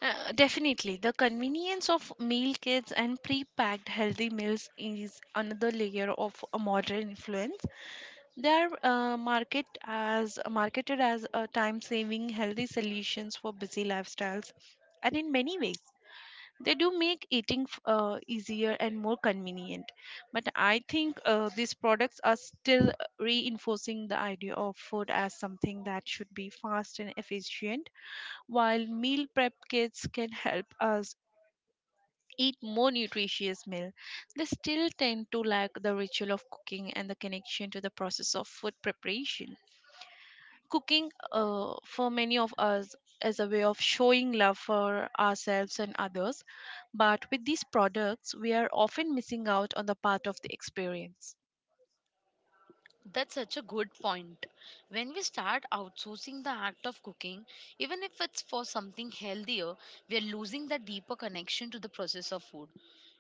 Definitely, the convenience of meal kits and pre-packed healthy meals is another layer of a modern influence. They are marketed as a time-saving, healthy solutions for busy lifestyles, and in many ways, they do make eating easier and more convenient. But I think these products are still reinforcing the idea of food as something that should be fast and efficient, while meal prep kits can help us eat more nutritious meal, they still tend to lack the ritual of cooking and the connection to the process of food preparation. Cooking, for many of us, is a way of showing love for ourselves and others, but with these products, we are often missing out on the part of the experience. That's such a good point. When we start outsourcing the act of cooking, even if it's for something healthier, we are losing the deeper connection to the process of food.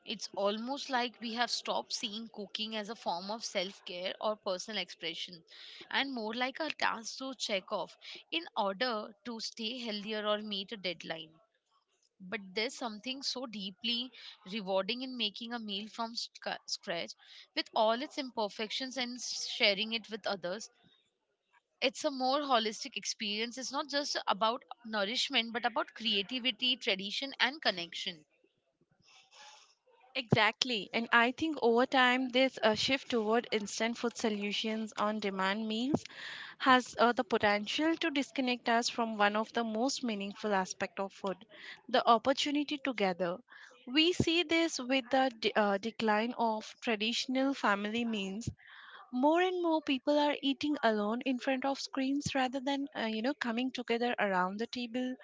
It's almost like we have stopped seeing cooking as a form of self care or personal expression, and more like a task to check off in order to stay healthier or meet a deadline. But there's something so deeply rewarding in making a meal from scratch, with all its imperfections, and sharing it with others. It's a more holistic experience. It's not just about nourishment but about creativity, tradition, and connection. Exactly. And I think over time, this shift toward instant food solutions on demand meals has the potential to disconnect us from one of the most meaningful aspects of food, the opportunity to gather. We see this with the decline of traditional family meals. More and more people are eating alone in front of screens rather than, coming together around the table,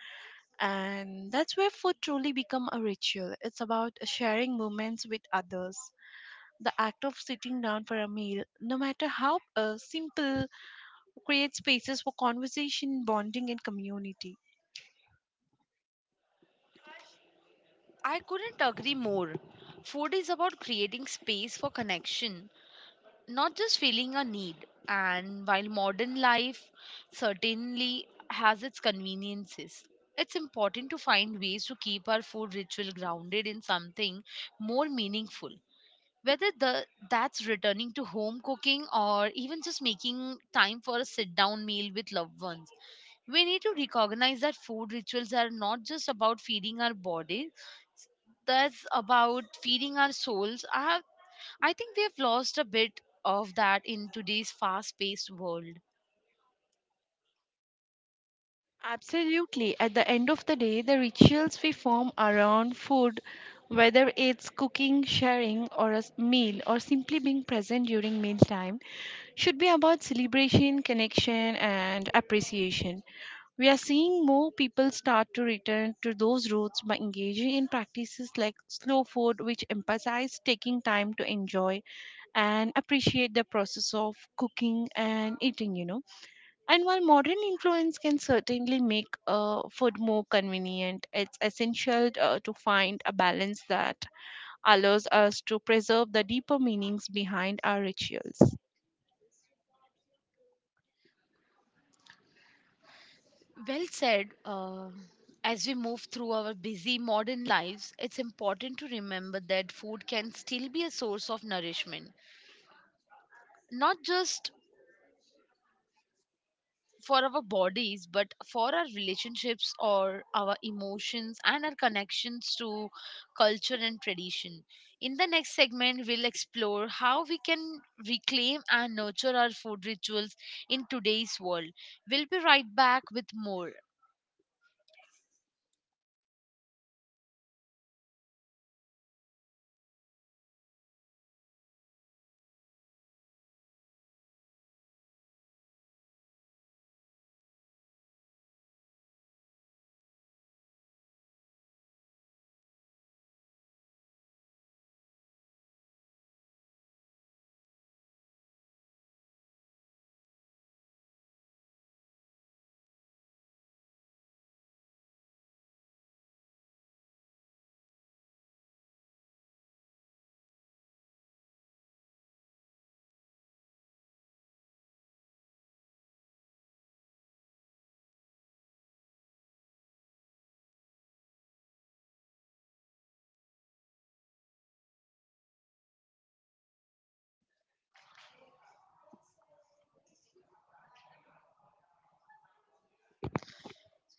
and that's where food truly become a ritual. It's about sharing moments with others. The act of sitting down for a meal, no matter how simple, creates spaces for conversation, bonding, and community. I couldn't agree more. Food is about creating space for connection, not just feeling a need. And while modern life certainly has its conveniences, it's important to find ways to keep our food ritual grounded in something more meaningful. Whether that's returning to home cooking or even just making time for a sit down meal with loved ones, we need to recognize that food rituals are not just about feeding our bodies, that's about feeding our souls. I think we have lost a bit of that in today's fast paced world. Absolutely, at the end of the day, the rituals we form around food, whether it's cooking, sharing, or meal, or simply being present during mealtime, should be about celebration, connection, and appreciation. We are seeing more people start to return to those roots by engaging in practices like slow food, which emphasize taking time to enjoy and appreciate the process of cooking and eating, you know. And while modern influence can certainly make food more convenient, it's essential to find a balance that allows us to preserve the deeper meanings behind our rituals. Well said. As we move through our busy modern lives, it's important to remember that food can still be a source of nourishment, not just for our bodies but for our relationships or our emotions and our connections to culture and tradition. In the next segment, we'll explore how we can reclaim and nurture our food rituals in today's world. We'll be right back with more.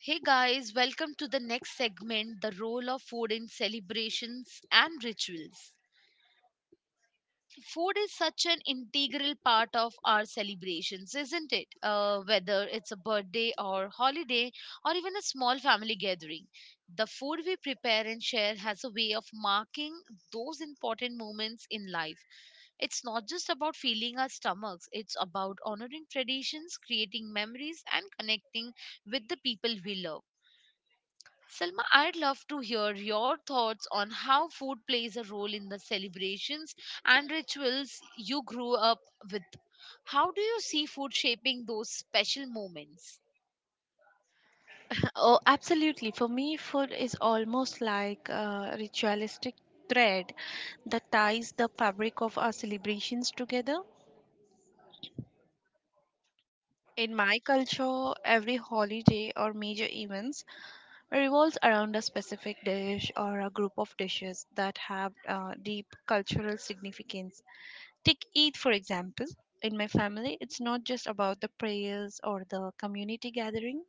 Hey guys, welcome to the next segment, the role of food in celebrations and rituals. Food is such an integral part of our celebrations, isn't it? Whether it's a birthday or holiday or even a small family gathering, the food we prepare and share has a way of marking those important moments in life. It's not just about filling our stomachs, it's about honoring traditions, creating memories, and connecting with the people we love. Selma, I'd love to hear your thoughts on how food plays a role in the celebrations and rituals you grew up with. How do you see food shaping those special moments? Oh, absolutely. For me, food is almost like a ritualistic thread that ties the fabric of our celebrations together. In my culture, every holiday or major events revolves around a specific dish or a group of dishes that have deep cultural significance. Take Eid, for example. In my family, it's not just about the prayers or the community gathering.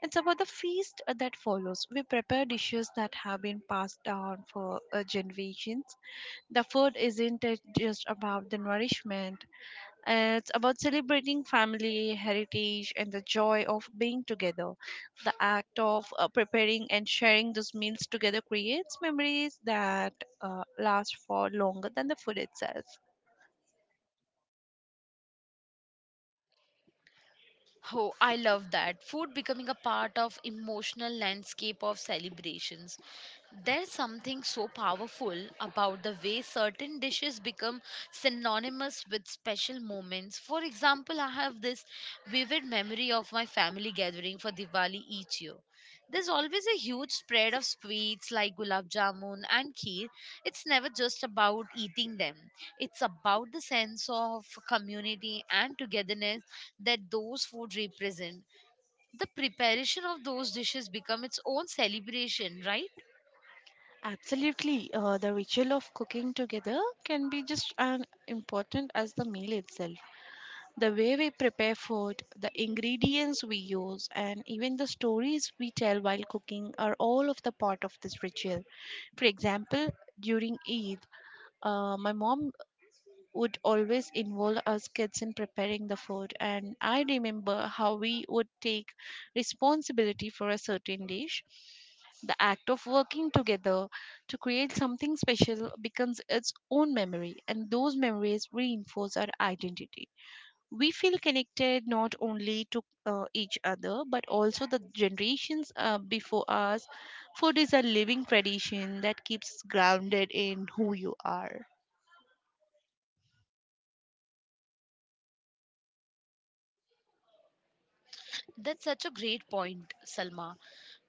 It's about the feast that follows. We prepare dishes that have been passed down for generations. The food isn't it just about the nourishment, it's about celebrating family, heritage, and the joy of being together. The act of preparing and sharing those meals together creates memories that last for longer than the food itself. Oh, I love that. Food becoming a part of emotional landscape of celebrations. There's something so powerful about the way certain dishes become synonymous with special moments. For example, I have this vivid memory of my family gathering for Diwali each year. There's always a huge spread of sweets like gulab jamun and kheer. It's never just about eating them. It's about the sense of community and togetherness that those food represent. The preparation of those dishes become its own celebration, right? Absolutely. The ritual of cooking together can be just as important as the meal itself. The way we prepare food, the ingredients we use, and even the stories we tell while cooking are all of the part of this ritual. For example, during Eid, my mom would always involve us kids in preparing the food, and I remember how we would take responsibility for a certain dish. The act of working together to create something special becomes its own memory, and those memories reinforce our identity. We feel connected not only to each other but also the generations before us. Food is a living tradition that keeps us grounded in who you are. That's such a great point, Salma.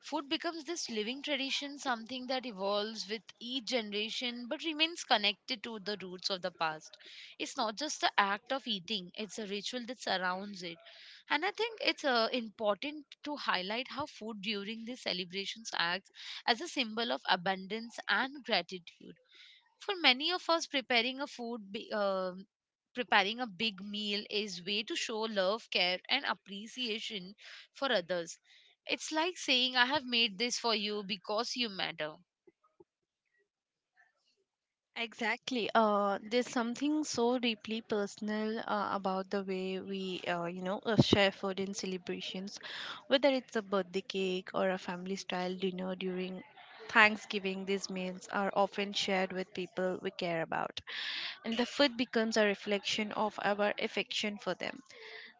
Food becomes this living tradition, something that evolves with each generation but remains connected to the roots of the past. It's not just the act of eating, it's a ritual that surrounds it. And I think it's important to highlight how food during these celebrations acts as a symbol of abundance and gratitude. For many of us, preparing a big meal is way to show love, care, and appreciation for others. It's like saying I have made this for you because you matter. Exactly. There's something so deeply personal about the way we, you know, share food in celebrations, whether it's a birthday cake or a family style dinner during Thanksgiving. These meals are often shared with people we care about, and the food becomes a reflection of our affection for them.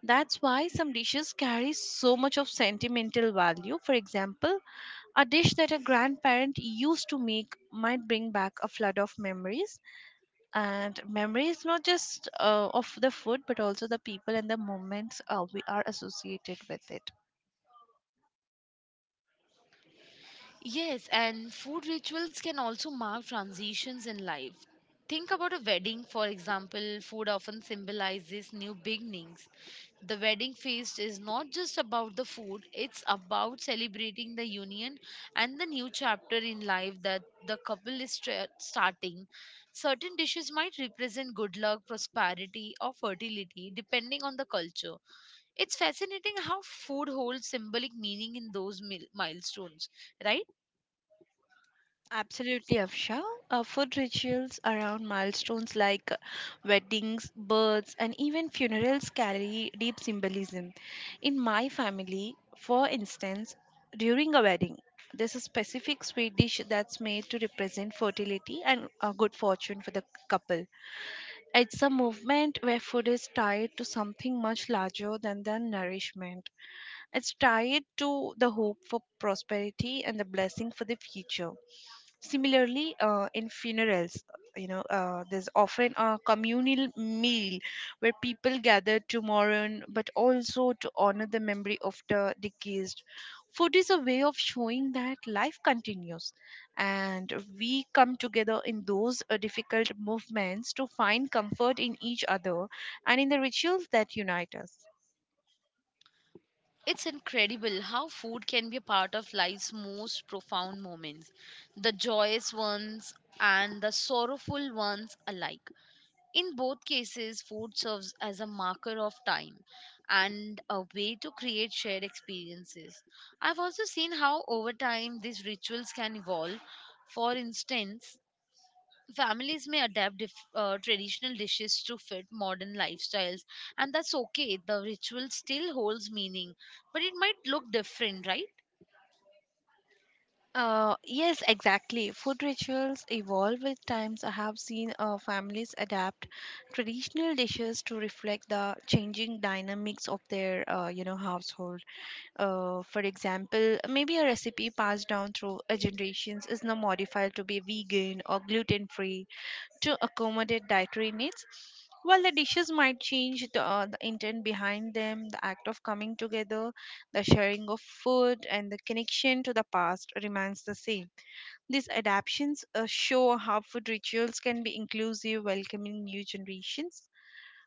That's why some dishes carry so much of sentimental value. For example, a dish that a grandparent used to make might bring back a flood of memories, and memory is not just of the food but also the people and the moments we are associated with it. Yes, and food rituals can also mark transitions in life. Think about a wedding, for example. Food often symbolizes new beginnings. The wedding feast is not just about the food, it's about celebrating the union and the new chapter in life that the couple is starting. Certain dishes might represent good luck, prosperity, or fertility, depending on the culture. It's fascinating how food holds symbolic meaning in those milestones, right? Absolutely, Afsha. Food rituals around milestones like weddings, births, and even funerals carry deep symbolism. In my family, for instance, during a wedding, there's a specific sweet dish that's made to represent fertility and good fortune for the couple. It's a movement where food is tied to something much larger than the nourishment. It's tied to the hope for prosperity and the blessing for the future. Similarly, in funerals, there's often a communal meal where people gather to mourn but also to honor the memory of the deceased. Food is a way of showing that life continues, and we come together in those difficult movements to find comfort in each other and in the rituals that unite us. It's incredible how food can be a part of life's most profound moments, the joyous ones and the sorrowful ones alike. In both cases, food serves as a marker of time and a way to create shared experiences. I've also seen how over time these rituals can evolve. For instance, families may adapt traditional dishes to fit modern lifestyles, and that's okay. The ritual still holds meaning, but it might look different, right? Yes, exactly. Food rituals evolve with times. I have seen families adapt traditional dishes to reflect the changing dynamics of their, household. For example, maybe a recipe passed down through generations is now modified to be vegan or gluten-free to accommodate dietary needs. While the dishes might change, the intent behind them, the act of coming together, the sharing of food, and the connection to the past remains the same. These adaptations show how food rituals can be inclusive, welcoming new generations,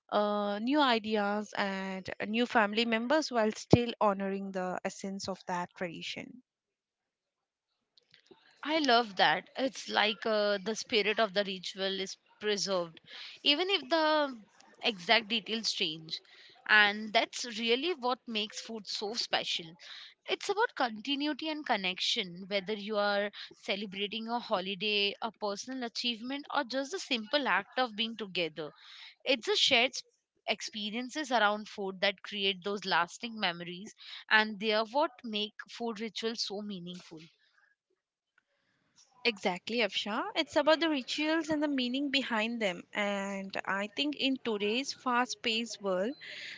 new ideas, and new family members while still honoring the essence of that tradition. I love that. It's like the spirit of the ritual is preserved even if the exact details change. And that's really what makes food so special. It's about continuity and connection, whether you are celebrating a holiday, a personal achievement, or just the simple act of being together. It's a experiences around food that create those lasting memories, and they are what make food rituals so meaningful. Exactly, Afsha. It's about the rituals and the meaning behind them. And I think in today's fast paced world,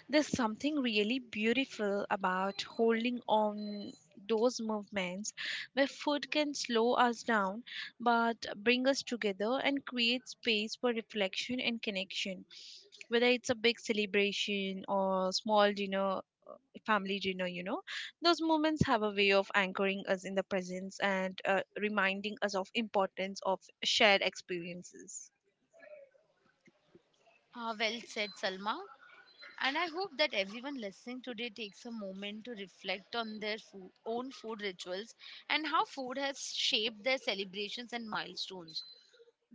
there's something really beautiful about holding on those movements where food can slow us down but bring us together and create space for reflection and connection, whether it's a big celebration or small dinner, family dinner, you know. Those moments have a way of anchoring us in the presence and reminding us of importance of shared experiences. Ah, well said, Salma. And I hope that everyone listening today takes a moment to reflect on their food, own food rituals and how food has shaped their celebrations and milestones.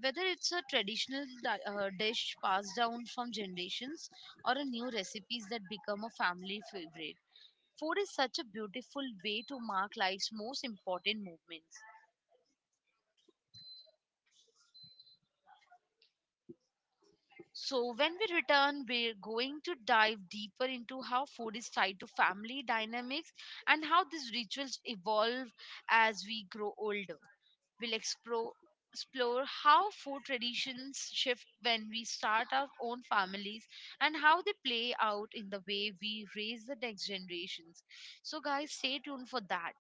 Whether it's a traditional dish passed down from generations or a new recipes that become a family favorite, food is such a beautiful way to mark life's most important moments. So, when we return, we're going to dive deeper into how food is tied to family dynamics and how these rituals evolve as we grow older. We'll explore, explore how food traditions shift when we start our own families and how they play out in the way we raise the next generations. So, guys, stay tuned for that.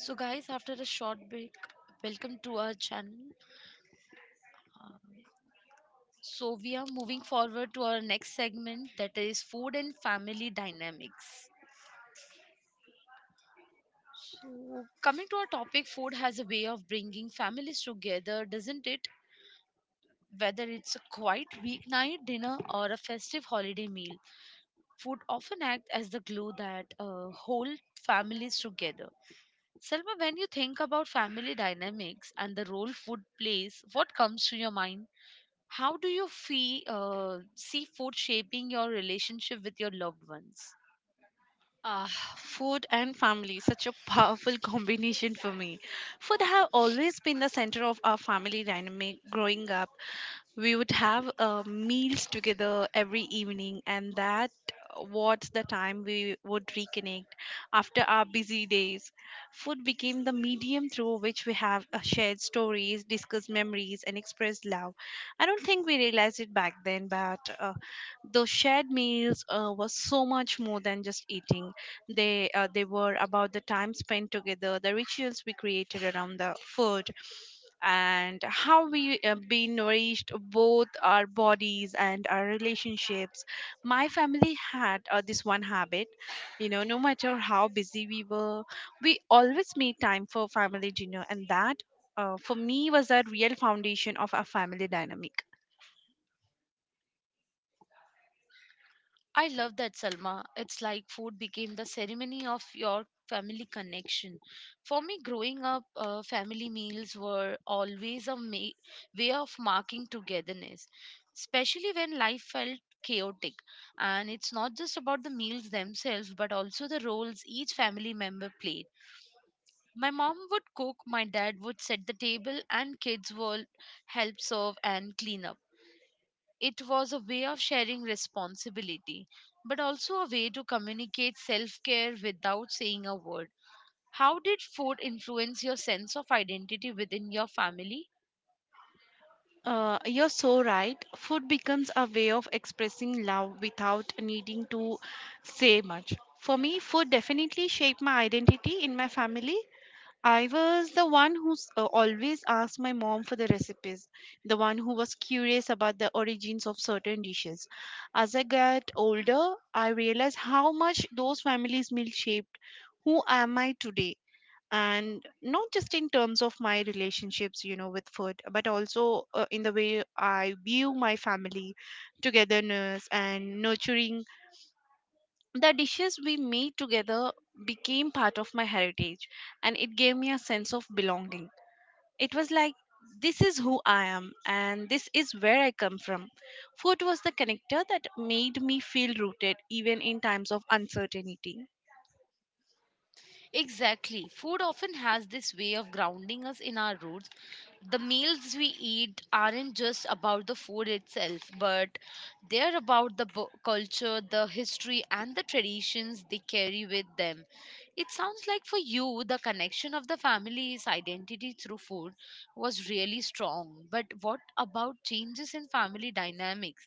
So, guys, after a short break, welcome to our channel. So we are moving forward to our next segment, that is food and family dynamics. So coming to our topic, food has a way of bringing families together, doesn't it? Whether it's a quiet weeknight dinner or a festive holiday meal, food often acts as the glue that hold families together. Selma, when you think about family dynamics and the role food plays, what comes to your mind? How do you feel see food shaping your relationship with your loved ones? Ah, food and family, such a powerful *laughs* combination for me. Food have always been the center of our family dynamic growing up. We would have meals together every evening, and that was the time we would reconnect after our busy days. Food became the medium through which we have shared stories, discussed memories, and expressed love. I don't think we realized it back then, but those shared meals was so much more than just eating. They were about the time spent together, the rituals we created around the food, and how we be nourished both our bodies and our relationships. My family had this one habit, you know. No matter how busy we were, we always made time for family dinner, and that, for me, was a real foundation of our family dynamic. I love that, Salma. It's like food became the ceremony of your family connection. For me, growing up, family meals were always a way of marking togetherness, especially when life felt chaotic. And it's not just about the meals themselves, but also the roles each family member played. My mom would cook, my dad would set the table, and kids would help serve and clean up. It was a way of sharing responsibility, but also a way to communicate self care without saying a word. How did food influence your sense of identity within your family? You're so right. Food becomes a way of expressing love without needing to say much. For me, food definitely shaped my identity in my family. I was the one who always asked my mom for the recipes, the one who was curious about the origins of certain dishes. As I got older, I realized how much those families' meals shaped who am I today. And not just in terms of my relationships, you know, with food, but also in the way I view my family, togetherness, and nurturing. The dishes we made together became part of my heritage, and it gave me a sense of belonging. It was like, this is who I am and this is where I come from. Food was the connector that made me feel rooted even in times of uncertainty. Exactly. Food often has this way of grounding us in our roots. The meals we eat aren't just about the food itself, but they're about the culture, the history, and the traditions they carry with them. It sounds like for you, the connection of the family's identity through food was really strong. But what about changes in family dynamics?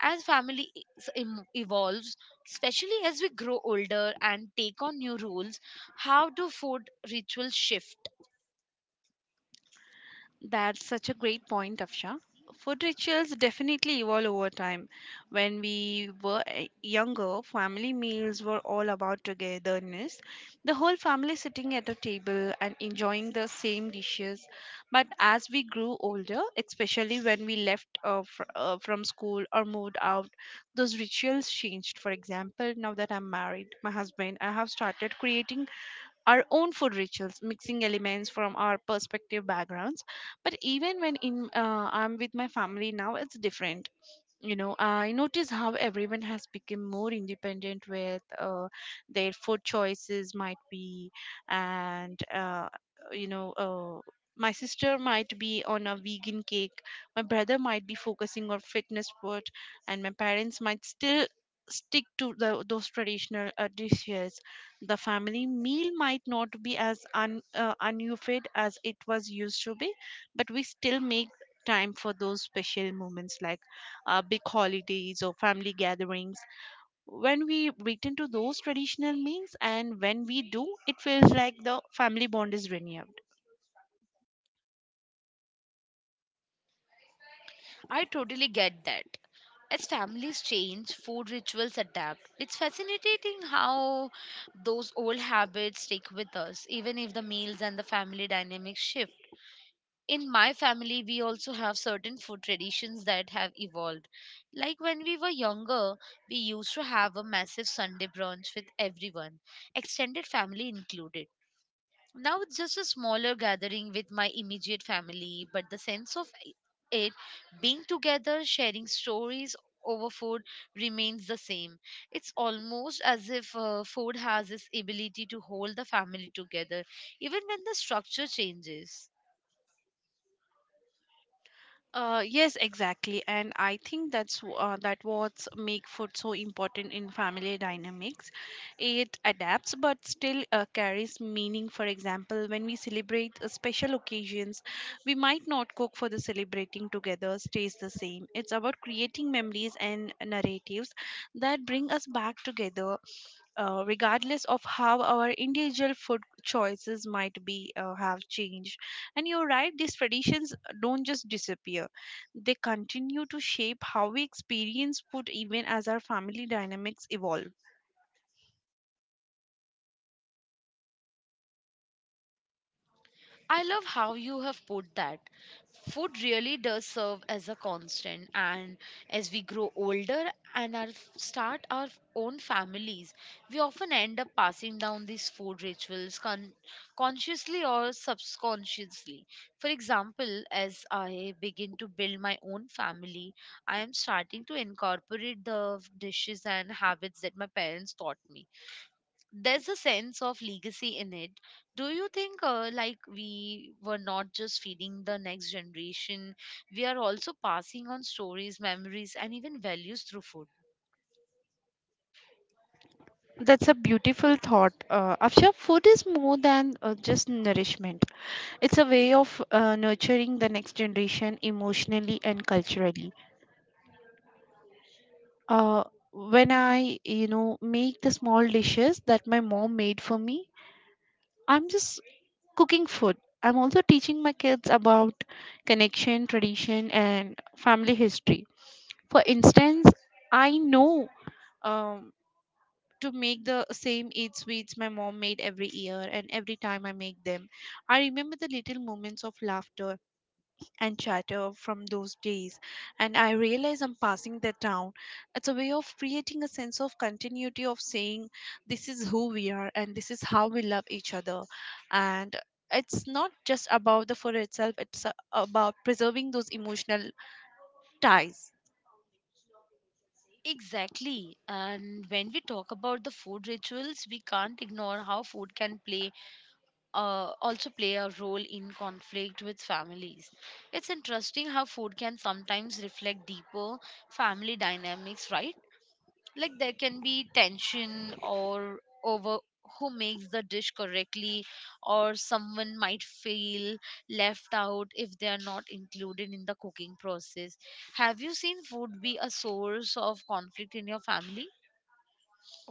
As family evolves, especially as we grow older and take on new roles? How do food rituals shift? That's such a great point, Afsha. Food rituals definitely evolve over time. When we were younger, family meals were all about togetherness, the whole family sitting at a table and enjoying the same dishes. But as we grew older, especially when we left from school or moved out, those rituals changed. For example, now that I'm married, my husband, I have started creating our own food rituals, mixing elements from our perspective backgrounds. But even when in I'm with my family now, it's different, you know. I notice how everyone has become more independent with their food choices might be and you know uh, my sister might be on a vegan cake, my brother might be focusing on fitness food, and my parents might still stick to those traditional dishes. The family meal might not be as unufid as it was used to be, but we still make time for those special moments like big holidays or family gatherings. When we return to those traditional meals, and when we do, it feels like the family bond is renewed. I totally get that. As families change, food rituals adapt. It's fascinating how those old habits stick with us, even if the meals and the family dynamics shift. In my family, we also have certain food traditions that have evolved. Like when we were younger, we used to have a massive Sunday brunch with everyone, extended family included. Now it's just a smaller gathering with my immediate family, but the sense of it being together, sharing stories over food remains the same. It's almost as if food has this ability to hold the family together, even when the structure changes. Yes, exactly, and I think that's that what's make food so important in family dynamics. It adapts but still carries meaning. For example, when we celebrate special occasions, we might not cook for the celebrating together. Stays the same. It's about creating memories and narratives that bring us back together, regardless of how our individual food choices might be have changed. And you're right, these traditions don't just disappear. They continue to shape how we experience food even as our family dynamics evolve. I love how you have put that. Food really does serve as a constant, and as we grow older and our own families, we often end up passing down these food rituals consciously or subconsciously. For example, as I begin to build my own family, I am starting to incorporate the dishes and habits that my parents taught me. There's a sense of legacy in it. Do you think like we were not just feeding the next generation, we are also passing on stories, memories, and even values through food? That's a beautiful thought, Afsha. Food is more than just nourishment. It's a way of nurturing the next generation emotionally and culturally. Uh, when I, you know, make the small dishes that my mom made for me, I'm just cooking food. I'm also teaching my kids about connection, tradition, and family history. For instance, I know. Um, to make the same eight sweets my mom made every year, and every time I make them, I remember the little moments of laughter and chatter from those days, and I realize I'm passing that down. It's a way of creating a sense of continuity, of saying this is who we are and this is how we love each other. And it's not just about the food itself, it's about preserving those emotional ties. Exactly. And when we talk about the food rituals, we can't ignore how food can play also play a role in conflict with families. It's interesting how food can sometimes reflect deeper family dynamics, right? Like there can be tension or over who makes the dish correctly, or someone might feel left out if they are not included in the cooking process. Have you seen food be a source of conflict in your family?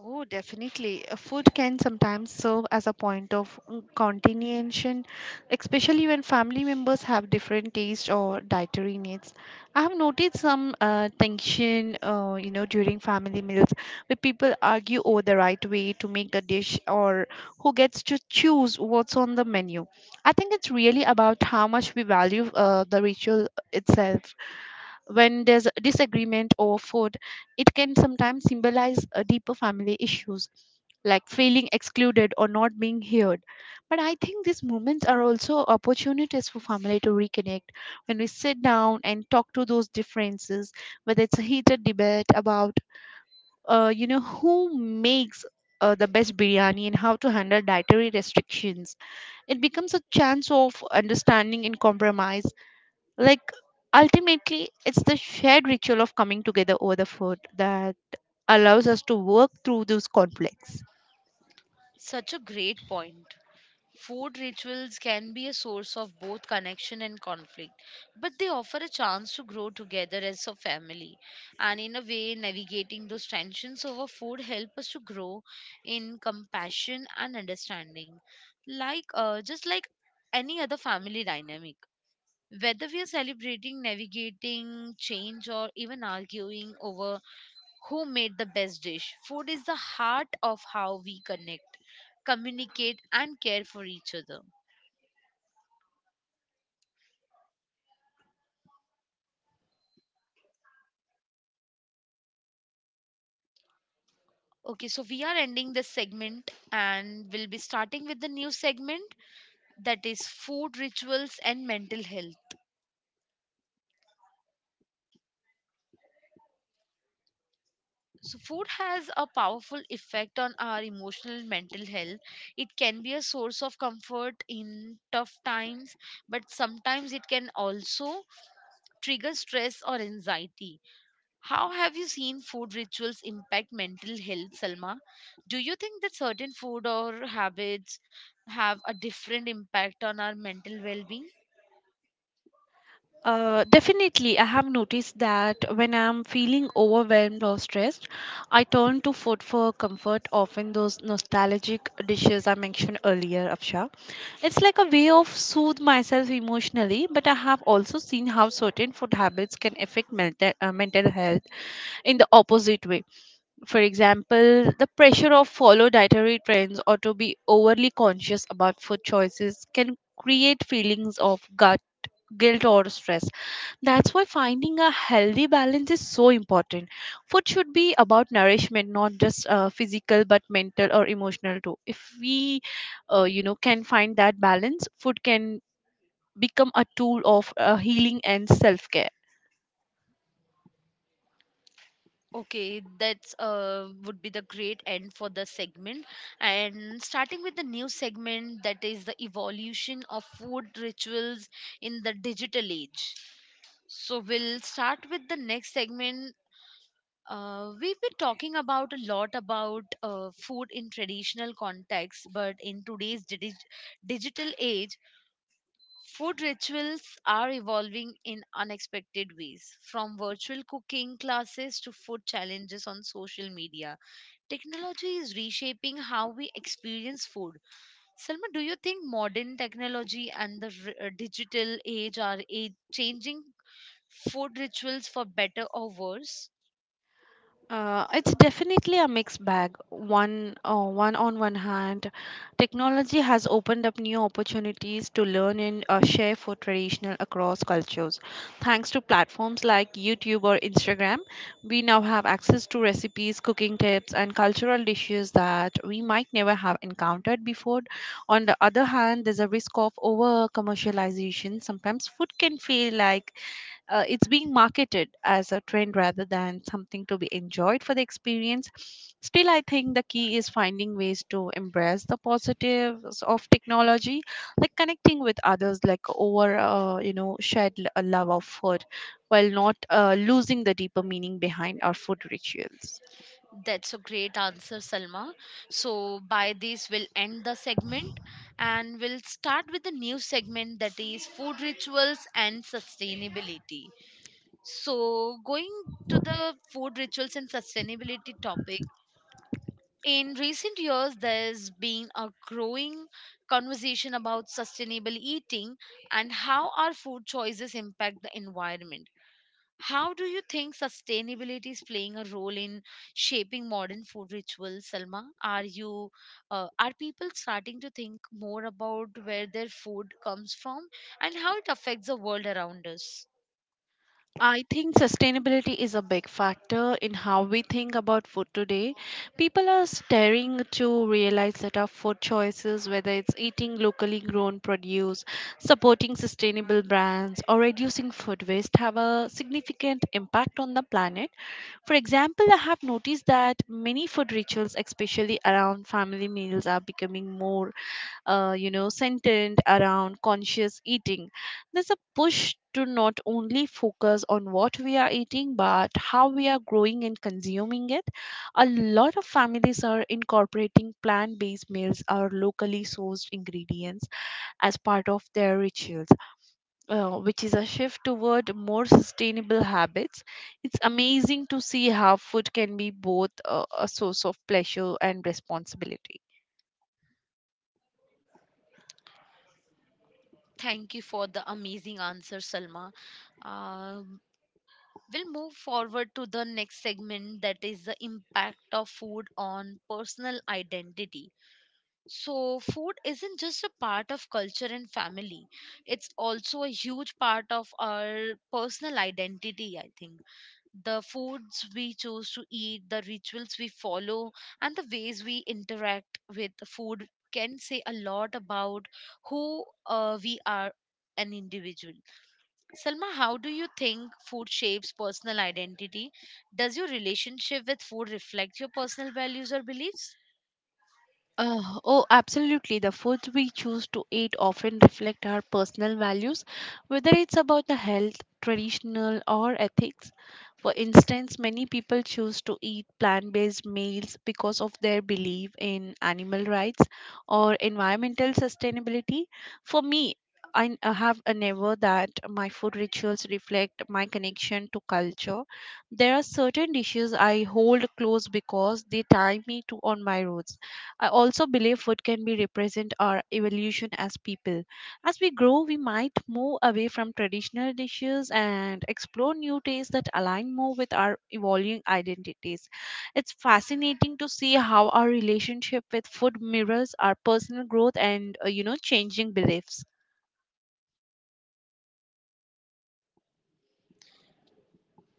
Oh, definitely. Food can sometimes serve as a point of continuation, especially when family members have different tastes or dietary needs. I have noticed some tension, you know, during family meals, where people argue over the right way to make the dish or who gets to choose what's on the menu. I think it's really about how much we value the ritual itself. When there's a disagreement over food, it can sometimes symbolize a deeper family issues, like feeling excluded or not being heard. But I think these moments are also opportunities for family to reconnect. When we sit down and talk to those differences, whether it's a heated debate about, you know, who makes the best biryani and how to handle dietary restrictions, it becomes a chance of understanding and compromise. Like, ultimately, it's the shared ritual of coming together over the food that allows us to work through those conflicts. Such a great point. Food rituals can be a source of both connection and conflict, but they offer a chance to grow together as a family. And in a way, navigating those tensions over food help us to grow in compassion and understanding, like just like any other family dynamic. Whether we are celebrating, navigating change, or even arguing over who made the best dish, food is the heart of how we connect, communicate, and care for each other. Okay, so we are ending this segment and we'll be starting with the new segment that is food rituals and mental health. So, food has a powerful effect on our emotional and mental health. It can be a source of comfort in tough times, but sometimes it can also trigger stress or anxiety. How have you seen food rituals impact mental health, Salma? Do you think that certain food or habits have a different impact on our mental well being? Definitely, I have noticed that when I'm feeling overwhelmed or stressed, I turn to food for comfort, often those nostalgic dishes I mentioned earlier, Afsha. It's like a way of soothe myself emotionally, but I have also seen how certain food habits can affect mental health in the opposite way. For example, the pressure of follow dietary trends or to be overly conscious about food choices can create feelings of guilt or stress. That's why finding a healthy balance is so important. Food should be about nourishment, not just physical but mental or emotional too. If we, you know, can find that balance, food can become a tool of healing and self care. Okay, that's would be the great end for the segment. And starting with the new segment that is the evolution of food rituals in the digital age. So we'll start with the next segment. We've been talking about a lot about food in traditional context, but in today's digital age, food rituals are evolving in unexpected ways, from virtual cooking classes to food challenges on social media. Technology is reshaping how we experience food. Salma, do you think modern technology and the digital age are changing food rituals for better or worse? It's definitely a mixed bag. One, one on one hand, technology has opened up new opportunities to learn and share food traditional across cultures. Thanks to platforms like YouTube or Instagram, we now have access to recipes, cooking tips, and cultural dishes that we might never have encountered before. On the other hand, there's a risk of over commercialization. Sometimes food can feel like it's being marketed as a trend rather than something to be enjoyed for the experience. Still, I think the key is finding ways to embrace the positives of technology, like connecting with others, like over, you know, a love of food, while not losing the deeper meaning behind our food rituals. That's a great answer, Salma. So, by this, we'll end the segment and we'll start with the new segment that is food rituals and sustainability. So, going to the food rituals and sustainability topic, in recent years, there's been a growing conversation about sustainable eating and how our food choices impact the environment. How do you think sustainability is playing a role in shaping modern food rituals, Salma? Are people starting to think more about where their food comes from and how it affects the world around us? I think sustainability is a big factor in how we think about food today. People are starting to realize that our food choices, whether it's eating locally grown produce, supporting sustainable brands, or reducing food waste, have a significant impact on the planet. For example, I have noticed that many food rituals, especially around family meals, are becoming more you know, sentient around conscious eating. There's a push to not only focus on what we are eating, but how we are growing and consuming it. A lot of families are incorporating plant based meals or locally sourced ingredients as part of their rituals, which is a shift toward more sustainable habits. It's amazing to see how food can be both a source of pleasure and responsibility. Thank you for the amazing answer, Salma. Um, we'll move forward to the next segment that is the impact of food on personal identity. So, food isn't just a part of culture and family, it's also a huge part of our personal identity, I think. The foods we choose to eat, the rituals we follow, and the ways we interact with food can say a lot about who we are an individual. Selma, how do you think food shapes personal identity? Does your relationship with food reflect your personal values or beliefs? Oh, absolutely. The foods we choose to eat often reflect our personal values, whether it's about the health, traditional, or ethics. For instance, many people choose to eat plant based meals because of their belief in animal rights or environmental sustainability. For me, I have a never that my food rituals reflect my connection to culture. There are certain dishes I hold close because they tie me to on my roots. I also believe food can be represent our evolution as people. As we grow, we might move away from traditional dishes and explore new tastes that align more with our evolving identities. It's fascinating to see how our relationship with food mirrors our personal growth and, you know, changing beliefs.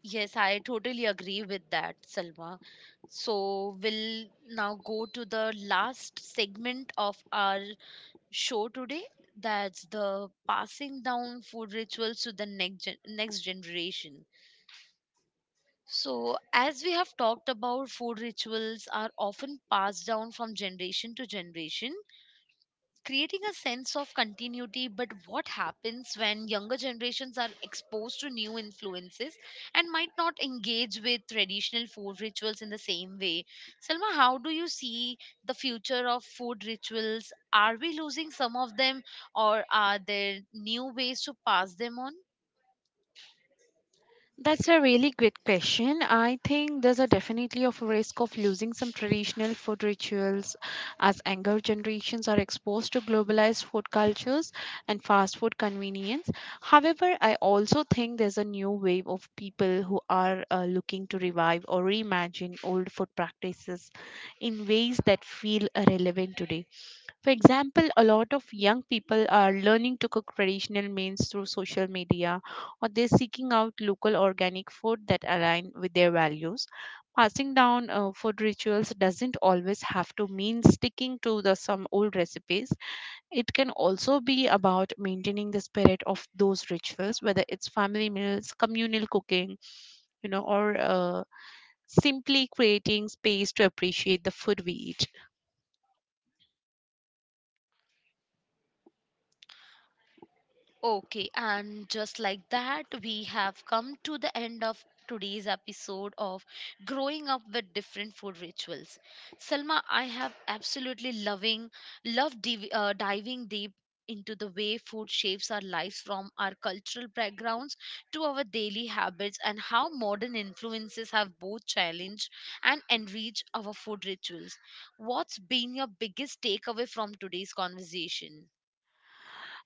Yes, I totally agree with that, Salma. So, we'll now go to the last segment of our show today. That's the passing down food rituals to the next next generation. So, as we have talked about, food rituals are often passed down from generation to generation, creating a sense of continuity. But what happens when younger generations are exposed to new influences and might not engage with traditional food rituals in the same way? Selma, how do you see the future of food rituals? Are we losing some of them, or are there new ways to pass them on? That's a really great question. I think there's a definitely of a risk of losing some traditional food rituals as younger generations are exposed to globalized food cultures and fast food convenience. However, I also think there's a new wave of people who are looking to revive or reimagine old food practices in ways that feel relevant today. For example, a lot of young people are learning to cook traditional meals through social media, or they're seeking out local organic food that align with their values. Passing down food rituals doesn't always have to mean sticking to the some old recipes. It can also be about maintaining the spirit of those rituals, whether it's family meals, communal cooking, you know, or simply creating space to appreciate the food we eat. Okay, and just like that, we have come to the end of today's episode of growing up with different food rituals. Selma, I have absolutely diving deep into the way food shapes our lives, from our cultural backgrounds to our daily habits, and how modern influences have both challenged and enriched our food rituals. What's been your biggest takeaway from today's conversation?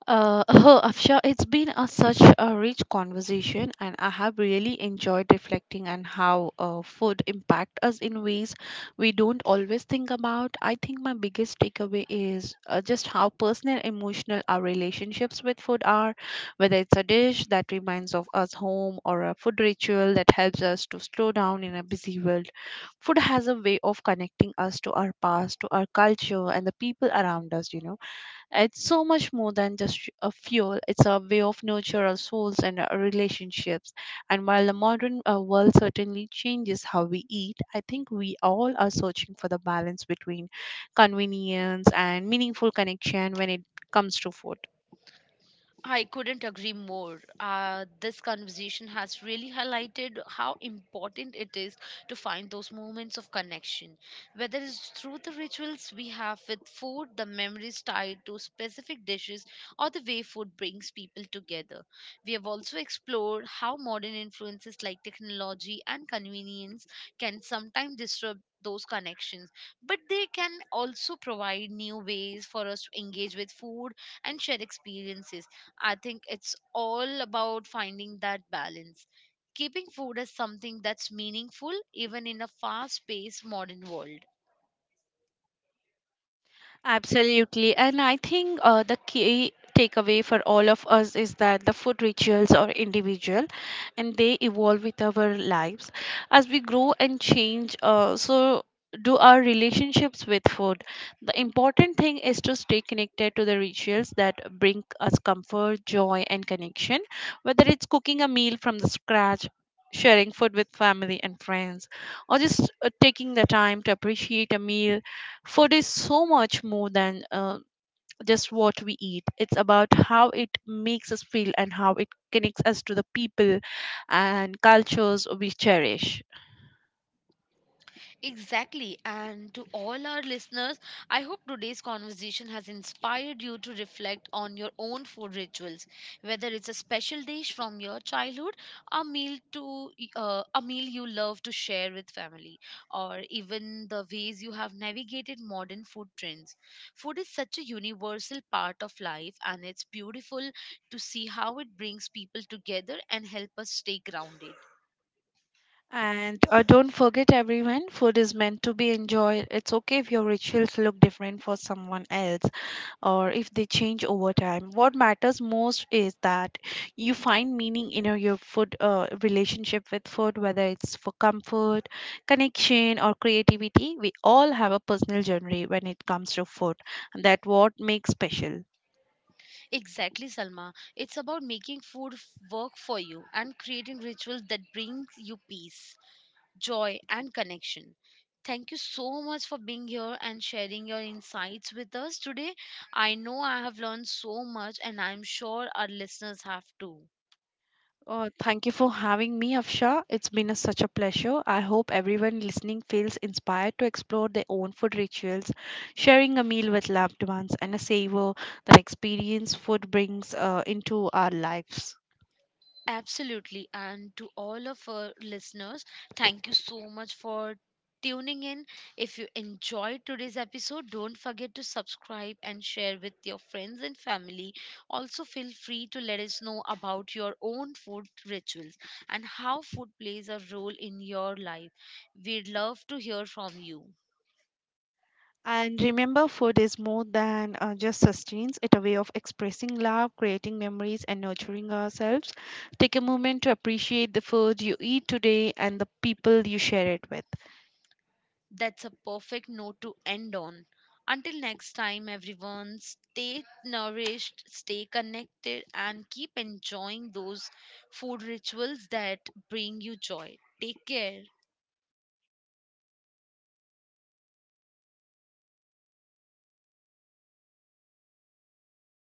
Uh, *laughs* Afsha, it's been such a rich conversation, and I have really enjoyed reflecting on how food impact us in ways we don't always think about. I think my biggest takeaway is just how personal, emotional our relationships with food are. Whether it's a dish that reminds of us home or a food ritual that helps us to slow down in a busy world, food has a way of connecting us to our past, to our culture, and the people around us. It's so much more than just a fuel. It's a way of nurture our souls and our relationships. And while the modern world certainly changes how we eat, I think we all are searching for the balance between convenience and meaningful connection when it comes to food. I couldn't agree more. This conversation has really highlighted how important it is to find those moments of connection, whether it's through the rituals we have with food, the memories tied to specific dishes, or the way food brings people together. We have also explored how modern influences like technology and convenience can sometimes disrupt those connections, but they can also provide new ways for us to engage with food and share experiences. I think it's all about finding that balance. Keeping food as something that's meaningful even in a fast paced modern world. Absolutely. And I think the key takeaway for all of us is that the food rituals are individual and they evolve with our lives. As we grow and change, so do our relationships with food. The important thing is to stay connected to the rituals that bring us comfort, joy, and connection, whether it's cooking a meal from the scratch, sharing food with family and friends, or just taking the time to appreciate a meal. Food is so much more than just what we eat. It's about how it makes us feel and how it connects us to the people and cultures we cherish. Exactly. And to all our listeners, I hope today's conversation has inspired you to reflect on your own food rituals, whether it's a special dish from your childhood, a meal to a meal you love to share with family, or even the ways you have navigated modern food trends. Food is such a universal part of life, and it's beautiful to see how it brings people together and help us stay grounded. And don't forget, everyone, food is meant to be enjoyed. It's okay if your rituals look different for someone else, or if they change over time. What matters most is that you find meaning in your food relationship with food, whether it's for comfort, connection, or creativity. We all have a personal journey when it comes to food, and that what makes special. Exactly, Salma. It's about making food work for you and creating rituals that brings you peace, joy, and connection. Thank you so much for being here and sharing your insights with us today. I know I have learned so much, and I'm sure our listeners have too. Oh, thank you for having me, Afsha. It's been such a pleasure. I hope everyone listening feels inspired to explore their own food rituals, sharing a meal with loved ones, and a savor the experience food brings into our lives. Absolutely. And to all of our listeners, thank you so much for tuning in. If you enjoyed today's episode, don't forget to subscribe and share with your friends and family. Also, feel free to let us know about your own food rituals and how food plays a role in your life. We'd love to hear from you. And remember, food is more than just sustenance. It's a way of expressing love, creating memories, and nurturing ourselves. Take a moment to appreciate the food you eat today and the people you share it with. That's a perfect note to end on. Until next time, everyone, stay nourished, stay connected, and keep enjoying those food rituals that bring you joy. Take care.